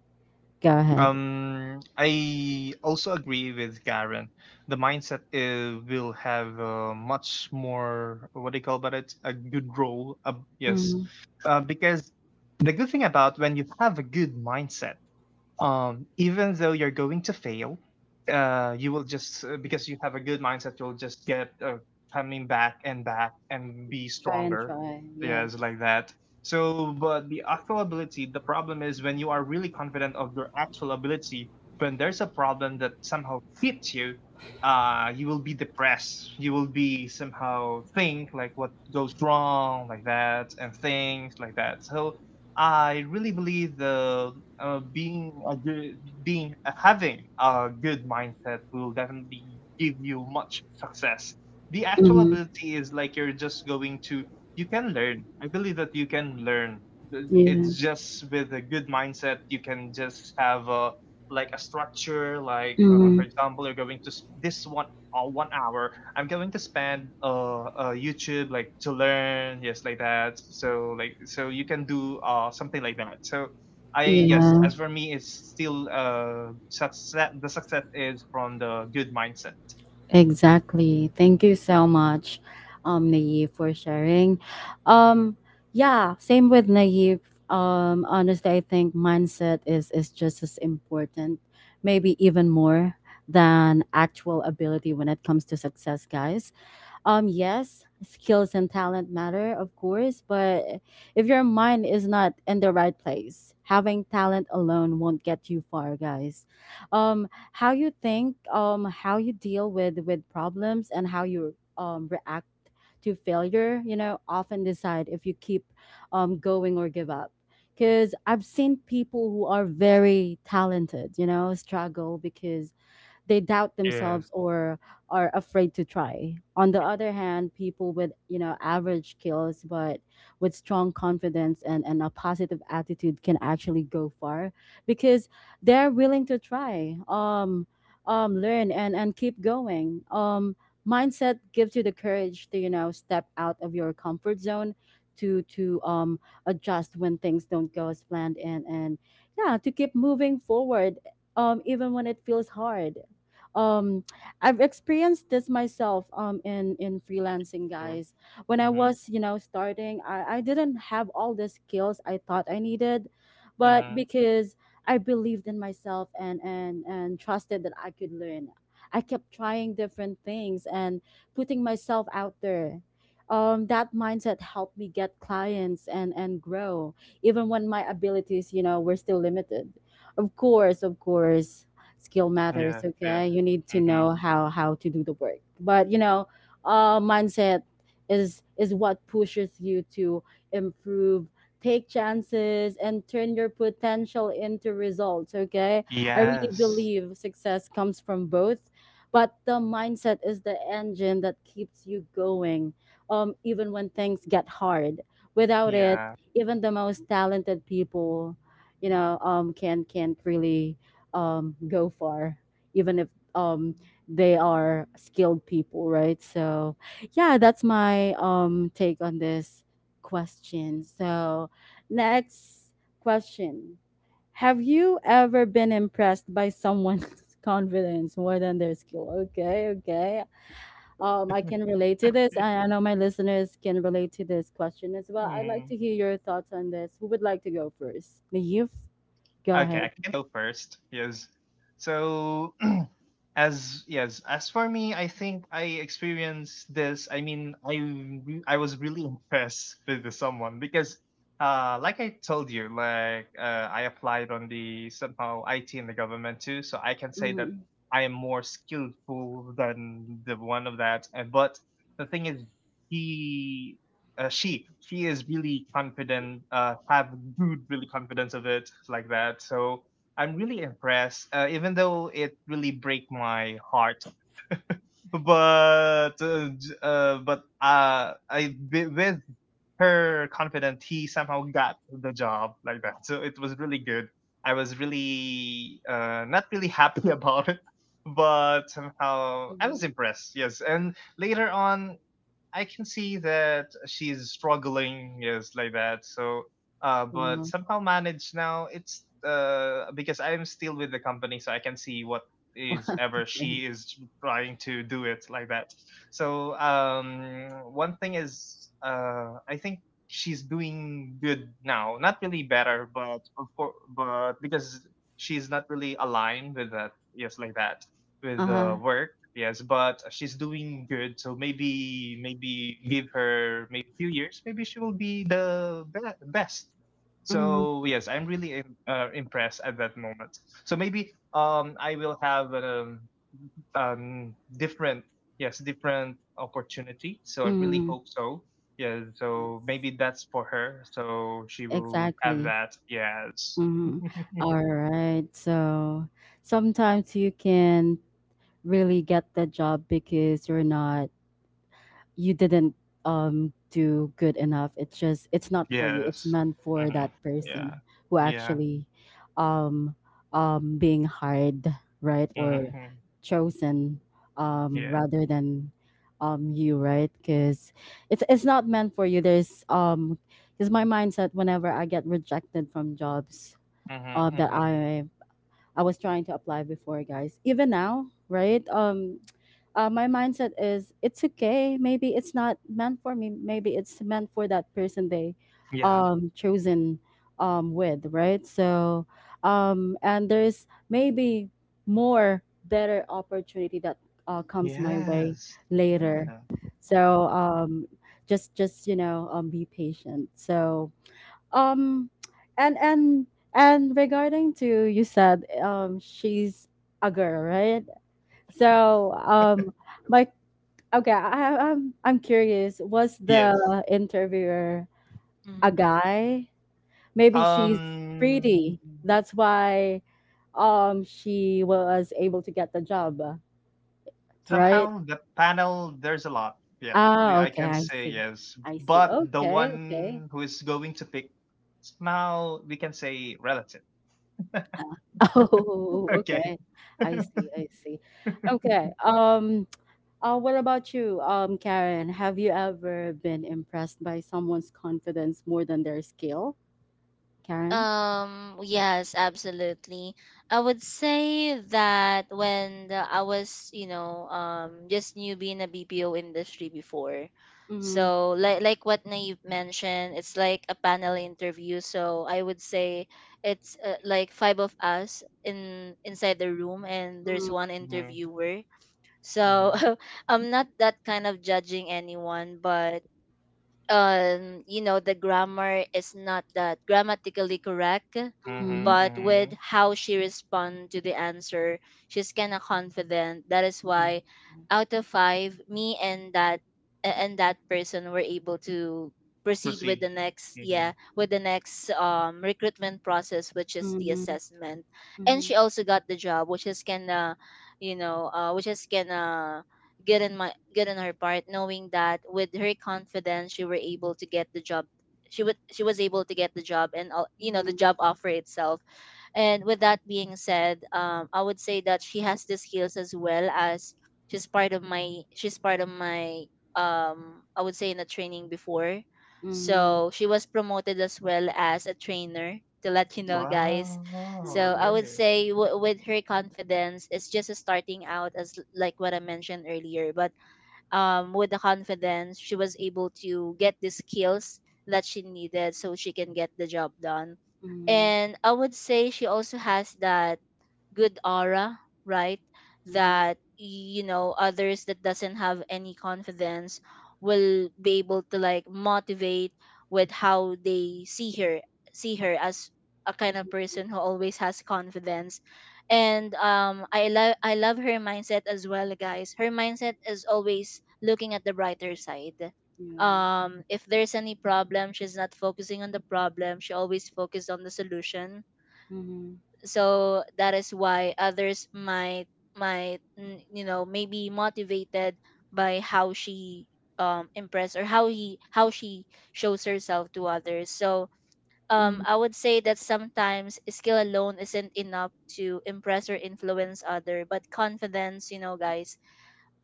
[SPEAKER 1] Go ahead.
[SPEAKER 3] Um, I also agree with Karen. The mindset uh, will have a much more, what do you call about it? A good role. Uh, yes,
[SPEAKER 1] Mm.
[SPEAKER 3] uh, because the good thing about when you have a good mindset, um, even though you're going to fail, uh, you will just uh, because you have a good mindset, you'll just get uh, coming back and back and be
[SPEAKER 1] Try and
[SPEAKER 3] stronger.
[SPEAKER 1] try.
[SPEAKER 3] Yeah,
[SPEAKER 1] Yes.
[SPEAKER 3] it's like that. So, but the actual ability, the problem is when you are really confident of your actual ability, when there's a problem that somehow hits you, uh, you will be depressed. You will be somehow think like what goes wrong, like that, and things like that. So, I really believe the uh, being a good, being uh, having a good mindset will definitely give you much success. The actual
[SPEAKER 1] Mm-hmm.
[SPEAKER 3] ability is like you're just going to, you can learn. I believe that you can learn. Th-
[SPEAKER 1] Yeah.
[SPEAKER 3] It's just with a good mindset you can just have a like a structure. Like uh,
[SPEAKER 1] Mm-hmm.
[SPEAKER 3] for example, you're going to s- this one, uh, one hour I'm going to spend uh, uh YouTube like to learn, yes, like that, so like, so you can do uh something like that. So I, yes,
[SPEAKER 1] Yeah.
[SPEAKER 3] as for me it's still uh success. The success is from the good mindset.
[SPEAKER 1] Exactly. Thank you so much, um, Naive, for sharing. Um, yeah, same with Naive. Um, honestly, I think mindset is is just as important, maybe even more than actual ability when it comes to success, guys. Um, yes, skills and talent matter, of course, but if your mind is not in the right place, having talent alone won't get you far, guys. Um, how you think, um, how you deal with with problems and how you um react to failure, you know, often decide if you keep um going or give up. Because I've seen people who are very talented, you know, struggle because they doubt
[SPEAKER 3] Yeah.
[SPEAKER 1] themselves or are afraid to try. On the other hand, people with, you know, average skills but with strong confidence and, and a positive attitude can actually go far because they're willing to try, um, um, learn and, and keep going. Um, mindset gives you the courage to, you know, step out of your comfort zone to to um adjust when things don't go as planned and and yeah to keep moving forward, um, even when it feels hard um i've experienced this myself, um in in freelancing,
[SPEAKER 3] Yeah.
[SPEAKER 1] guys. When I
[SPEAKER 3] Mm-hmm.
[SPEAKER 1] was, you know, starting i i didn't have all the skills I thought I needed, but
[SPEAKER 3] Hmm.
[SPEAKER 1] because I believed in myself and and and trusted that I could learn, I kept trying different things and putting myself out there. Um, that mindset helped me get clients and and grow, even when my abilities, you know, were still limited. Of course, of course, skill
[SPEAKER 3] Yeah,
[SPEAKER 1] matters.
[SPEAKER 3] yeah.
[SPEAKER 1] Okay, you need to
[SPEAKER 3] Mm-hmm.
[SPEAKER 1] know how how to do the work, but you know, uh mindset is is what pushes you to improve, take chances, and turn your potential into results. Okay, I really
[SPEAKER 3] Yes.
[SPEAKER 1] believe success comes from both, but the mindset is the engine that keeps you going, um even when things get hard, without it.
[SPEAKER 3] Yeah.
[SPEAKER 1] Even the most talented people, you know, um can can't really, um, go far, even if, um, they are skilled people, right? So, yeah, that's my um, take on this question. So, next question. Have you ever been impressed by someone's confidence more than their skill? Okay, okay. Um, I can relate to this. I, I know my listeners can relate to this question as well. I'd like
[SPEAKER 3] Hmm.
[SPEAKER 1] to hear your thoughts on this. Who would like to go first? Naive, go
[SPEAKER 3] Okay,
[SPEAKER 1] ahead.
[SPEAKER 3] I can go first. Yes. So, as, yes, as for me, I think I experienced this. I mean, I re- I was really impressed with the someone because, uh, like I told you, like uh, I applied on the somehow I T in the government too, so I can say that
[SPEAKER 1] Mm-hmm.
[SPEAKER 3] I am more skillful than the one of that. And but the thing is, he uh, she she is really confident, uh have good really confidence of it, like that. So I'm really impressed, uh, even though it really break my heart, but uh, j- uh but uh i wi- with her confidence he somehow got the job, like that. So it was really good. I was really uh not really happy about it, but somehow I was impressed, yes. And later on I can see that she's struggling, yes, like that. So, uh, but somehow manage now. It's uh because I'm still with the company, so I can see what is ever
[SPEAKER 1] Okay.
[SPEAKER 3] she is trying to do it, like that. So, um, one thing is, uh, I think she's doing good now. Not really better, but of course, but because she's not really aligned with that, yes, like that, with the
[SPEAKER 1] Uh-huh.
[SPEAKER 3] work. Yes, but she's doing good. So maybe, maybe give her maybe a few years, maybe she will be the be- best.
[SPEAKER 1] Mhm,
[SPEAKER 3] So yes, I'm really im- uh, impressed at that moment. So maybe um I will have um um different, yes, different opportunity. So I really
[SPEAKER 1] mhm.
[SPEAKER 3] hope so. Yeah. So
[SPEAKER 1] Yes,
[SPEAKER 3] maybe that's for her, so she will have
[SPEAKER 1] exactly.
[SPEAKER 3] that. Yes.
[SPEAKER 1] Mhm. All right. So sometimes you can really get the job because you're not you didn't um do good enough. It's just it's not for you, it's
[SPEAKER 3] Yes.
[SPEAKER 1] meant for
[SPEAKER 3] Hmm.
[SPEAKER 1] that
[SPEAKER 3] Yeah.
[SPEAKER 1] person who
[SPEAKER 3] Yeah.
[SPEAKER 1] actually, um um being hired, right? Or
[SPEAKER 3] Hmm.
[SPEAKER 1] chosen, um
[SPEAKER 3] Yes.
[SPEAKER 1] rather than, um you, right? Because it's it's not meant for you. There's um because my mindset whenever I get rejected from jobs,
[SPEAKER 3] Mm-hmm,
[SPEAKER 1] um that
[SPEAKER 3] mm-hmm.
[SPEAKER 1] i i was trying to apply before, guys, even now, right? Um uh, my mindset is it's okay, maybe it's not meant for me, maybe it's meant for that person. They,
[SPEAKER 3] Yeah.
[SPEAKER 1] um chosen, um with, right? So, um and there's maybe more better opportunity that, uh, comes my way
[SPEAKER 3] Yes.
[SPEAKER 1] later.
[SPEAKER 3] Yeah.
[SPEAKER 1] So um just just you know, um be patient. So, um and and and regarding to you said, um she's a girl, right? So, um my... Okay, I, I- I'm I'm curious. Was the
[SPEAKER 3] Yes.
[SPEAKER 1] interviewer a
[SPEAKER 2] Mm.
[SPEAKER 1] guy? Maybe she's
[SPEAKER 3] Um.
[SPEAKER 1] pretty. That's why um she was able to get the job, right?
[SPEAKER 3] Somehow the panel. There's a lot. Yes, we-
[SPEAKER 1] Ah,
[SPEAKER 3] I
[SPEAKER 1] okay,
[SPEAKER 3] can
[SPEAKER 1] I
[SPEAKER 3] say
[SPEAKER 1] see.
[SPEAKER 3] yes.
[SPEAKER 1] I see.
[SPEAKER 3] But the
[SPEAKER 1] Okay, okay.
[SPEAKER 3] one who is going to pick now, we can say, relative.
[SPEAKER 1] Oh,
[SPEAKER 3] Okay.
[SPEAKER 1] okay. I see. I see. Okay. Um. Uh, what about you, um, Karen? Have you ever been impressed by someone's confidence more than their skill, Karen?
[SPEAKER 2] Um, yes, absolutely. I would say that when the, I was, you know, um, just newbie in the B P O industry before.
[SPEAKER 1] Mm-hmm.
[SPEAKER 2] So like like what Naive mentioned, it's like a panel interview. So I would say it's uh, like five of us in inside the room and there's
[SPEAKER 1] Mm-hmm.
[SPEAKER 2] one
[SPEAKER 3] Mm-hmm,
[SPEAKER 2] interviewer.
[SPEAKER 3] mm-hmm,
[SPEAKER 2] So I'm not that kind of judging anyone, but um you know the grammar is not that grammatically correct,
[SPEAKER 1] Mm-hmm.
[SPEAKER 3] mm-hmm.
[SPEAKER 2] but with
[SPEAKER 3] Mm-hmm.
[SPEAKER 2] how she respond to the answer, she's kind of confident. That is
[SPEAKER 1] Yeah.
[SPEAKER 2] why out of five, me and that a- and that person were able to proceed with
[SPEAKER 3] Proceed.
[SPEAKER 2] the next, yeah,
[SPEAKER 3] Mm-hmm.
[SPEAKER 2] with the next um recruitment process, which is the
[SPEAKER 1] Mhm,
[SPEAKER 2] assessment. And she
[SPEAKER 1] mhm,
[SPEAKER 2] also got the job, which is kind of you know uh, which is kind of good in my good in her part, knowing that with her confidence she were able to get the job. She would she was able to get the job and all, you know, the
[SPEAKER 1] mhm,
[SPEAKER 2] job offer itself. And with that being said, um, I would say that she has the skills, as well as she's part of my she's part of my, um I would say, in a training before.
[SPEAKER 1] mhm,
[SPEAKER 2] So she was promoted as well as a trainer, to let you know guys.
[SPEAKER 1] ah,
[SPEAKER 3] Wow.
[SPEAKER 2] So I would
[SPEAKER 3] Okay.
[SPEAKER 2] say w- with her confidence, it's just a starting out as l- like what I mentioned earlier. But um, with the confidence, she was able to get the skills that she needed so she can get the job done.
[SPEAKER 1] mhm,
[SPEAKER 2] And I would say she also has that good aura, right?
[SPEAKER 1] mhm,
[SPEAKER 2] That, you know, others that doesn't have any confidence will be able to like motivate with how they see her see her as a kind of
[SPEAKER 1] mhm,
[SPEAKER 2] person who always has confidence. And um I love i love her mindset as well guys. Her mindset is always looking at the brighter side.
[SPEAKER 1] yeah,
[SPEAKER 2] Um if there's any problem, she's not focusing on the problem, she always focuses on the solution.
[SPEAKER 1] mhm,
[SPEAKER 2] So that is why others might might mm, you know, maybe motivated by how she um impress, or how he how she shows herself to others. So um
[SPEAKER 1] mhm,
[SPEAKER 2] I would say that sometimes skill alone isn't enough to impress or influence other, but confidence, you know guys,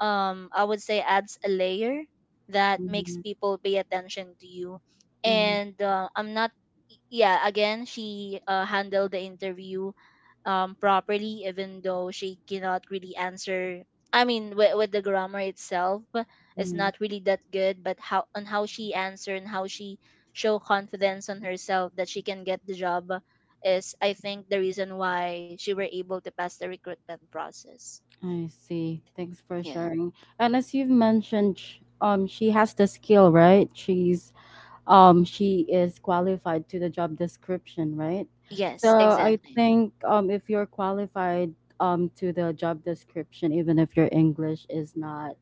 [SPEAKER 2] um I would say adds a layer that makes
[SPEAKER 1] mhm,
[SPEAKER 2] people pay attention to you.
[SPEAKER 1] mhm,
[SPEAKER 2] And uh, I'm not yeah, again, she uh, handled the interview um, properly, even though she cannot really answer. I mean, with, with the grammar itself, it's
[SPEAKER 1] mhm.
[SPEAKER 2] not really that good, but how, on how she answer and how she show confidence on herself that she can get the job is, I think, the reason why she were able to pass the recruitment process.
[SPEAKER 1] I see. Thanks for
[SPEAKER 2] Yeah.
[SPEAKER 1] sharing. And as you've mentioned, sh- um, she has the skill, right? She's um she is qualified to the job description, right? So
[SPEAKER 2] Yes,
[SPEAKER 1] I
[SPEAKER 2] exactly.
[SPEAKER 1] think, um if you're qualified um to the job description, even if your english is not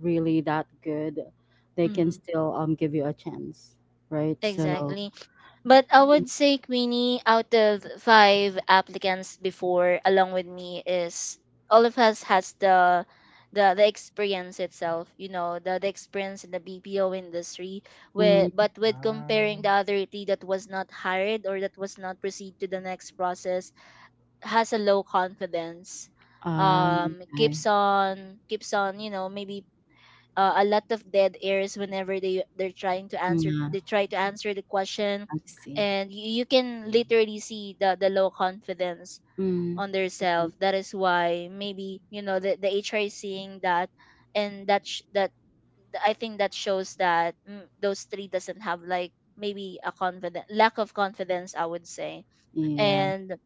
[SPEAKER 1] really that good, they can
[SPEAKER 2] Hmm.
[SPEAKER 1] still um give you a chance, right? So,
[SPEAKER 2] Exactly. But I would say, Queenie, out of five applicants before, along with me, is all of us has the the the experience itself. You know, the the experience in the B P O industry. With,
[SPEAKER 1] mm,
[SPEAKER 2] but with comparing
[SPEAKER 3] Ah.
[SPEAKER 2] the other three that was not hired or that was not proceed to the next process, has a low confidence.
[SPEAKER 1] um,
[SPEAKER 2] Um,
[SPEAKER 1] okay,
[SPEAKER 2] keeps on keeps on. You know, maybe uh, a lot of dead airs whenever they they're trying to answer
[SPEAKER 1] yeah.
[SPEAKER 2] they try to answer the question.
[SPEAKER 1] I see.
[SPEAKER 2] And you, you can literally see the the low confidence
[SPEAKER 1] Mm,
[SPEAKER 2] on themselves.
[SPEAKER 1] mhm.
[SPEAKER 2] That is why maybe, you know, the, the hr is seeing that. And that sh- that I think that shows that, mm, those three doesn't have like maybe a confident, lack of confidence, I would say.
[SPEAKER 1] Yeah.
[SPEAKER 2] And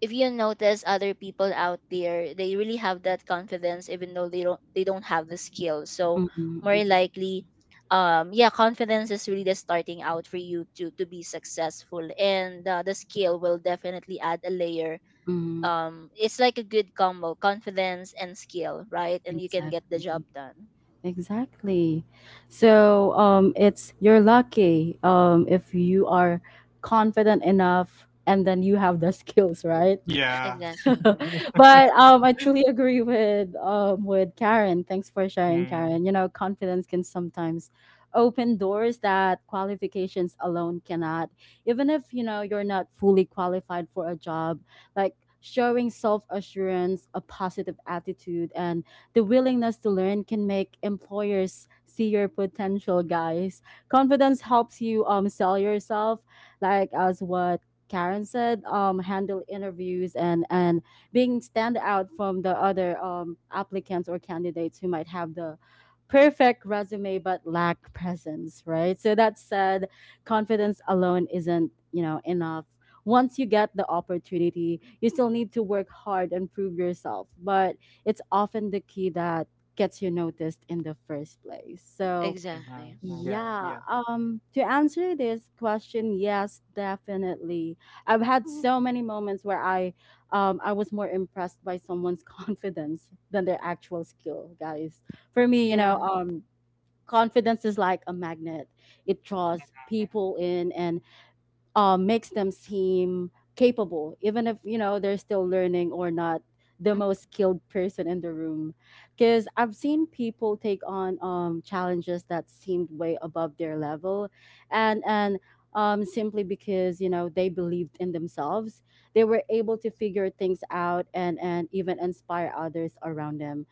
[SPEAKER 2] if you notice other people out there, they really have that confidence even though they don't they don't have the skill. So
[SPEAKER 1] Mhm.
[SPEAKER 2] more
[SPEAKER 1] Exac,
[SPEAKER 2] likely, um, yeah, confidence is really the starting out for you to to be successful, and uh, the skill will definitely add a layer.
[SPEAKER 1] mhm.
[SPEAKER 2] Um, it's like a good combo: confidence and skill, right? And you can get the
[SPEAKER 1] Exactly.
[SPEAKER 2] job done.
[SPEAKER 1] Exactly. So, um, it's you're lucky, um, if you are confident enough and then you have the skills, right?
[SPEAKER 3] Yeah.
[SPEAKER 2] Exactly. Mm.
[SPEAKER 1] But um, I truly agree with um, with Karen. Thanks for sharing,
[SPEAKER 3] Mm-hmm.
[SPEAKER 1] Karen. You know, confidence can sometimes open doors that qualifications alone cannot. Even if you know you're not fully qualified for a job, like showing self assurance, a positive attitude, and the willingness to learn can make employers see your potential. Guys, confidence helps you um sell yourself, like as what Karen said, um, handle interviews and and being stand out from the other um, applicants or candidates who might have the perfect resume but lack presence, right? So that said, confidence alone isn't you know enough. Once you get the opportunity, you still need to work hard and prove yourself. But it's often the key that gets you noticed in the first place. So
[SPEAKER 2] Exactly.
[SPEAKER 3] Yeah.
[SPEAKER 1] yeah,
[SPEAKER 3] Yeah.
[SPEAKER 1] um, to answer this question, yes, definitely. I've had so many moments where I, um, I was more impressed by someone's confidence than their actual skill, guys. For me, you
[SPEAKER 2] Yeah.
[SPEAKER 1] know, um, confidence is like a magnet. It draws people in and uh, makes them seem capable, even if you know they're still learning or not the most skilled person in the room. Because I've seen people take on um, challenges that seemed way above their level, and and um, simply because you know they believed in themselves, they were able to figure things out and and even inspire others around them.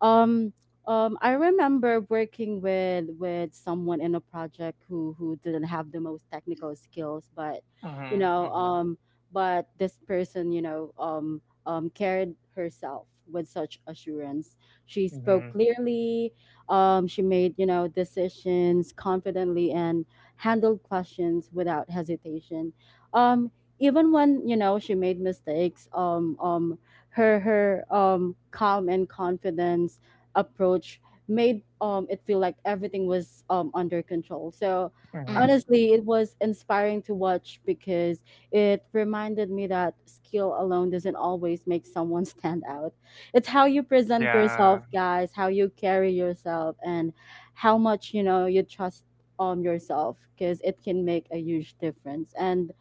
[SPEAKER 1] Um, um, I remember working with with someone in a project who who didn't have the most technical skills, but you know,
[SPEAKER 3] Mm-hmm.
[SPEAKER 1] um, but this person, you know, um, um, carried herself with such assurance. She spoke
[SPEAKER 3] Mhm,
[SPEAKER 1] clearly. Um, she made you know decisions confidently and handled questions without hesitation. Um, even when you know she made mistakes, um, um, her her um, calm and confidence approach made um, it feel like everything was um, under control. So
[SPEAKER 2] Mm.
[SPEAKER 3] mhm.
[SPEAKER 1] honestly, it was inspiring to watch because it reminded me that skill alone doesn't always make someone stand out. It's how you present yourself,
[SPEAKER 3] Yeah.
[SPEAKER 1] guys, how you carry yourself, and how much you know you trust um yourself because it can make a huge difference. And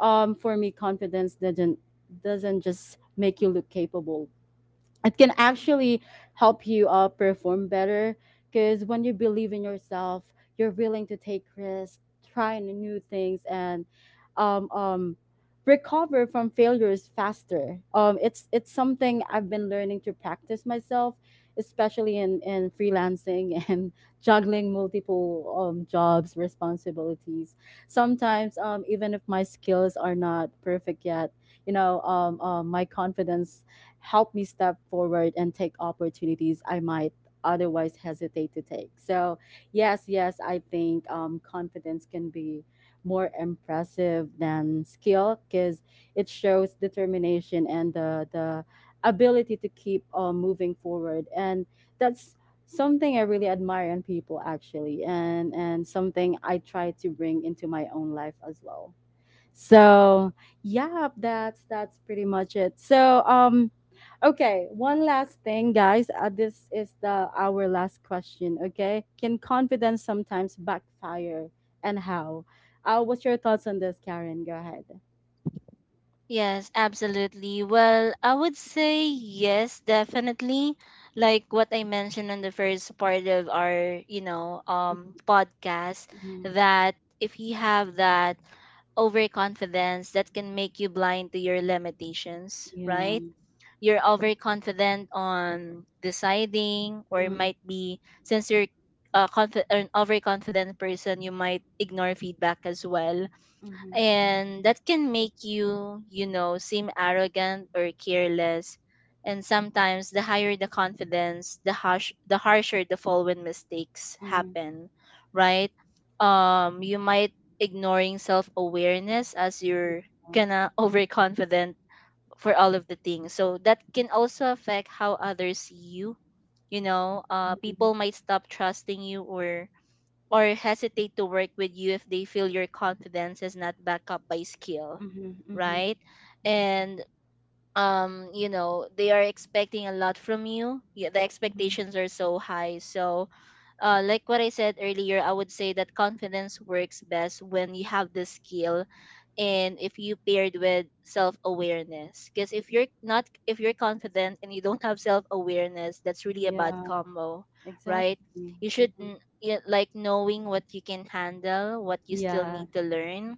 [SPEAKER 1] um, for me, confidence doesn't doesn't just make you look capable, it can actually help you uh, perform better because when you believe in yourself you're willing to take risks, try new things, and um, um, recover from failures faster. Um, it's it's something I've been learning to practice myself, especially in, in freelancing and juggling multiple um, jobs responsibilities. Sometimes um, even if my skills are not perfect yet, you know um, um, my confidence help me step forward and take opportunities I might otherwise hesitate to take. So, yes, yes, I think um, confidence can be more impressive than skill because it shows determination and the, the ability to keep uh, moving forward. And that's something I really admire in people, actually, and, and something I try to bring into my own life as well. So, yeah, that's that's pretty much it. So, um, okay, one last thing, guys. Uh, this is the our last question. Okay, can confidence sometimes backfire, and how? Uh, what's your thoughts on this, Karen? Go ahead.
[SPEAKER 2] Yes, absolutely. Well, I would say yes, definitely. Like what I mentioned on the first part of our, you know, um podcast,
[SPEAKER 1] Mm-hmm.
[SPEAKER 2] that if you have that overconfidence, that can make you blind to your limitations,
[SPEAKER 1] Yeah.
[SPEAKER 2] right? You're overconfident on deciding, or
[SPEAKER 1] Mm-hmm.
[SPEAKER 2] might be, since you're a confi- an overconfident person, you might ignore feedback as well,
[SPEAKER 1] Mm-hmm.
[SPEAKER 2] and that can make you, you know, seem arrogant or careless. And sometimes the higher the confidence, the harsh the harsher the fall when mistakes
[SPEAKER 1] Yeah.
[SPEAKER 2] happen, right? um you might ignoring self-awareness as you're gonna overconfident for all of the things, so that can also affect how others see you. You know, uh
[SPEAKER 1] Mm-hmm.
[SPEAKER 2] people might stop trusting you, or or hesitate to work with you, if they feel your confidence is not backed up by skill,
[SPEAKER 1] Mm-hmm.
[SPEAKER 2] right? And um, you know, they are expecting a lot from you. Yeah, the
[SPEAKER 1] Mm-hmm.
[SPEAKER 2] expectations are so high. So uh, like what I said earlier, I would say that confidence works best when you have the skill and if you paired with self-awareness. Because if you're not, if you're confident and you don't have self-awareness, that's really a bad
[SPEAKER 1] Yeah.
[SPEAKER 2] combo, right?
[SPEAKER 1] Exactly.
[SPEAKER 2] You should
[SPEAKER 1] Mm-hmm.
[SPEAKER 2] n- y- like, knowing what you can handle, what you still
[SPEAKER 1] Yeah.
[SPEAKER 2] need to learn,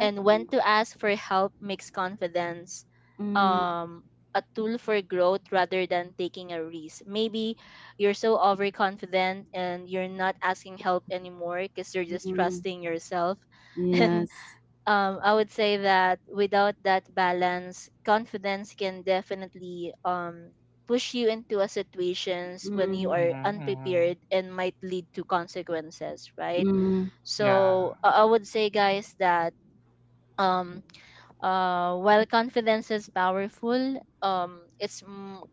[SPEAKER 2] and when to ask for help, makes confidence
[SPEAKER 1] Mm-hmm.
[SPEAKER 2] um a tool for growth rather than taking a risk. Maybe you're so overconfident and you're not asking help anymore because you're just trusting yourself. And
[SPEAKER 1] Yes.
[SPEAKER 2] um, I would say that without that balance, confidence can definitely um, push you into a situations when you
[SPEAKER 1] Mm-hmm.
[SPEAKER 3] Mhm,
[SPEAKER 2] are
[SPEAKER 3] mhm.
[SPEAKER 2] unprepared and might lead to consequences, right?
[SPEAKER 3] Yeah.
[SPEAKER 2] So I I would say, guys, that um, uh, while confidence is powerful, um, it's m-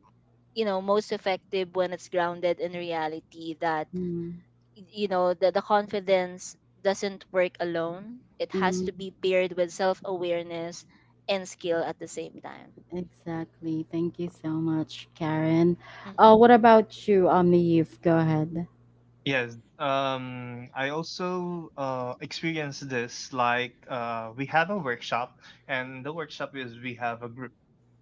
[SPEAKER 2] you know, most effective when it's grounded in reality. That
[SPEAKER 1] Mm-hmm.
[SPEAKER 2] y- you know, the the confidence doesn't work alone. It has to be paired with self awareness and skill at the same time.
[SPEAKER 1] Exactly. Thank you so much, Karen.
[SPEAKER 2] Mm.
[SPEAKER 1] Uh, what about you, Omnieve? Go ahead.
[SPEAKER 3] Yes. Um, I also uh experienced this, like uh we have a workshop, and the workshop is we have a group.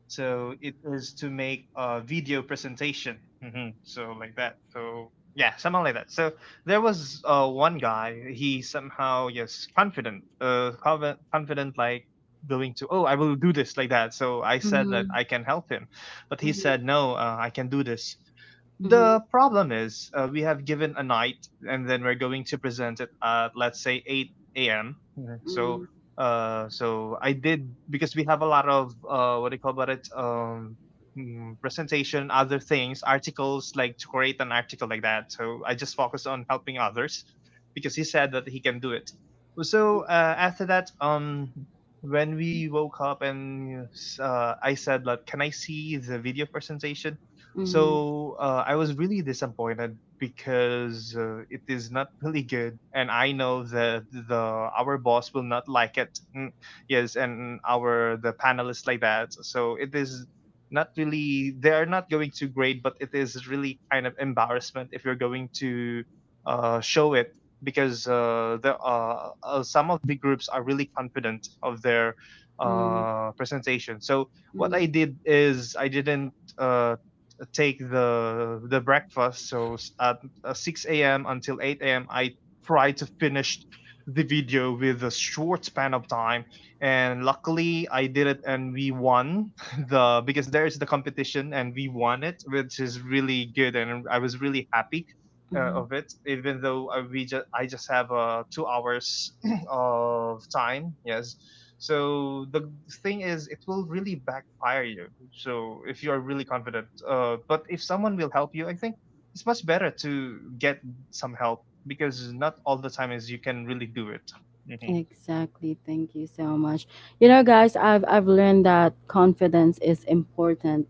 [SPEAKER 3] So it is to make a video presentation. Hmm. So like that. So yeah, somehow like that. So there was uh, one guy. He somehow, yes, confident, uh, confi- confident, like going to, oh, I will do this, like that. So I said that
[SPEAKER 1] Mm-hmm.
[SPEAKER 3] I can help him, but he said
[SPEAKER 1] Mm-hmm.
[SPEAKER 3] no, uh, I can do this. The problem is uh, we have given a night, and then we're going to present it at, let's say, eight a m. Mhm. So
[SPEAKER 1] Mm-hmm.
[SPEAKER 3] uh, so I did, because we have a lot of uh, what do you call about it? Um, mm, presentation, other things, articles, like to create an article, like that. So I just focus on helping others because he said that he can do it. So uh, after that, um, when we woke up and uh, I said, like, can I see the video presentation?
[SPEAKER 1] Mm-hmm.
[SPEAKER 3] So uh, I was really disappointed because uh, it is not really good, and I know that the our boss will not like it. Mm, Yes, and our the panelists, like that. So it is not really, they are not going to grade, but it is really kind of embarrassment if you're going to uh, show it, because uh, there are, uh, some of the groups are really confident of their
[SPEAKER 1] Mm-hmm.
[SPEAKER 3] uh, presentation. So what I did is I didn't uh, take the the breakfast. So at uh, six a m until eight a m. I try to finish the video with a short span of time, and luckily I did it, and we won the, because there is the competition, and we won it, which is really good, and I was really happy. Uh,
[SPEAKER 1] Mm-hmm.
[SPEAKER 3] of it, even though I, we just I just have uh, two hours of time, yes. So the thing is it will really backfire you. So if you are really confident, uh, but if someone will help you, I think it's much better to get some help, because not all the time is you can really do it. Hmm.
[SPEAKER 1] Exactly. Thank you so much. You know, guys, I've I've learned that confidence is important,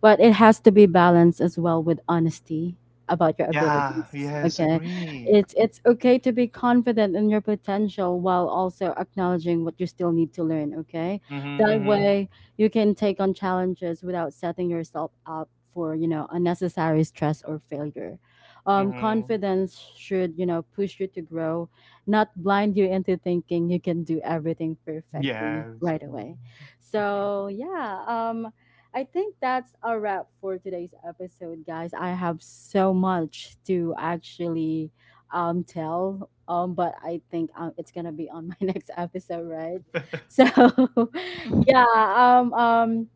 [SPEAKER 1] but it has to be balanced as well with honesty about your
[SPEAKER 3] Yeah.
[SPEAKER 1] abilities.
[SPEAKER 3] Yes,
[SPEAKER 1] Okay.
[SPEAKER 3] agree.
[SPEAKER 1] It's it's okay to be confident in your potential while also acknowledging what you still need to learn, okay?
[SPEAKER 3] Mm-hmm,
[SPEAKER 1] That
[SPEAKER 3] mm-hmm,
[SPEAKER 1] way you can take on challenges without setting yourself up for, you know, unnecessary stress or failure. Um,
[SPEAKER 3] mm-hmm.
[SPEAKER 1] confidence should, you know, push you to grow, not blind you into thinking you can do everything perfectly
[SPEAKER 3] Yes.
[SPEAKER 1] right away. So, yeah, um, I think that's a wrap for today's episode, guys. I have so much to actually um, tell, um, but I think um, it's going to be on my next episode, right? So,
[SPEAKER 2] Mhm.
[SPEAKER 1] yeah, um, um,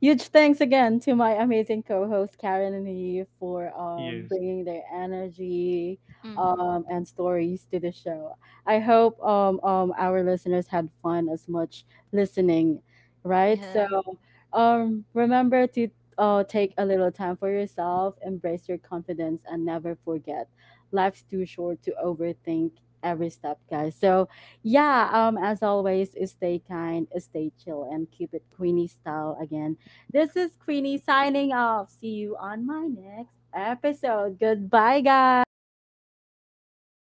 [SPEAKER 1] huge thanks again to my amazing co-host Karen and Eve for um,
[SPEAKER 3] Yes.
[SPEAKER 1] bringing their energy
[SPEAKER 2] Mhm.
[SPEAKER 1] um, and stories to the show. I hope um, um, our listeners had fun as much listening, right? So
[SPEAKER 2] Yeah.
[SPEAKER 1] um, remember to uh, take a little time for yourself, embrace your confidence, and never forget life's too short to overthink every step, guys. So yeah, um, as always, stay kind, stay chill, and keep it Queenie style again. This is Queenie signing off. See you on my next episode. Goodbye, guys.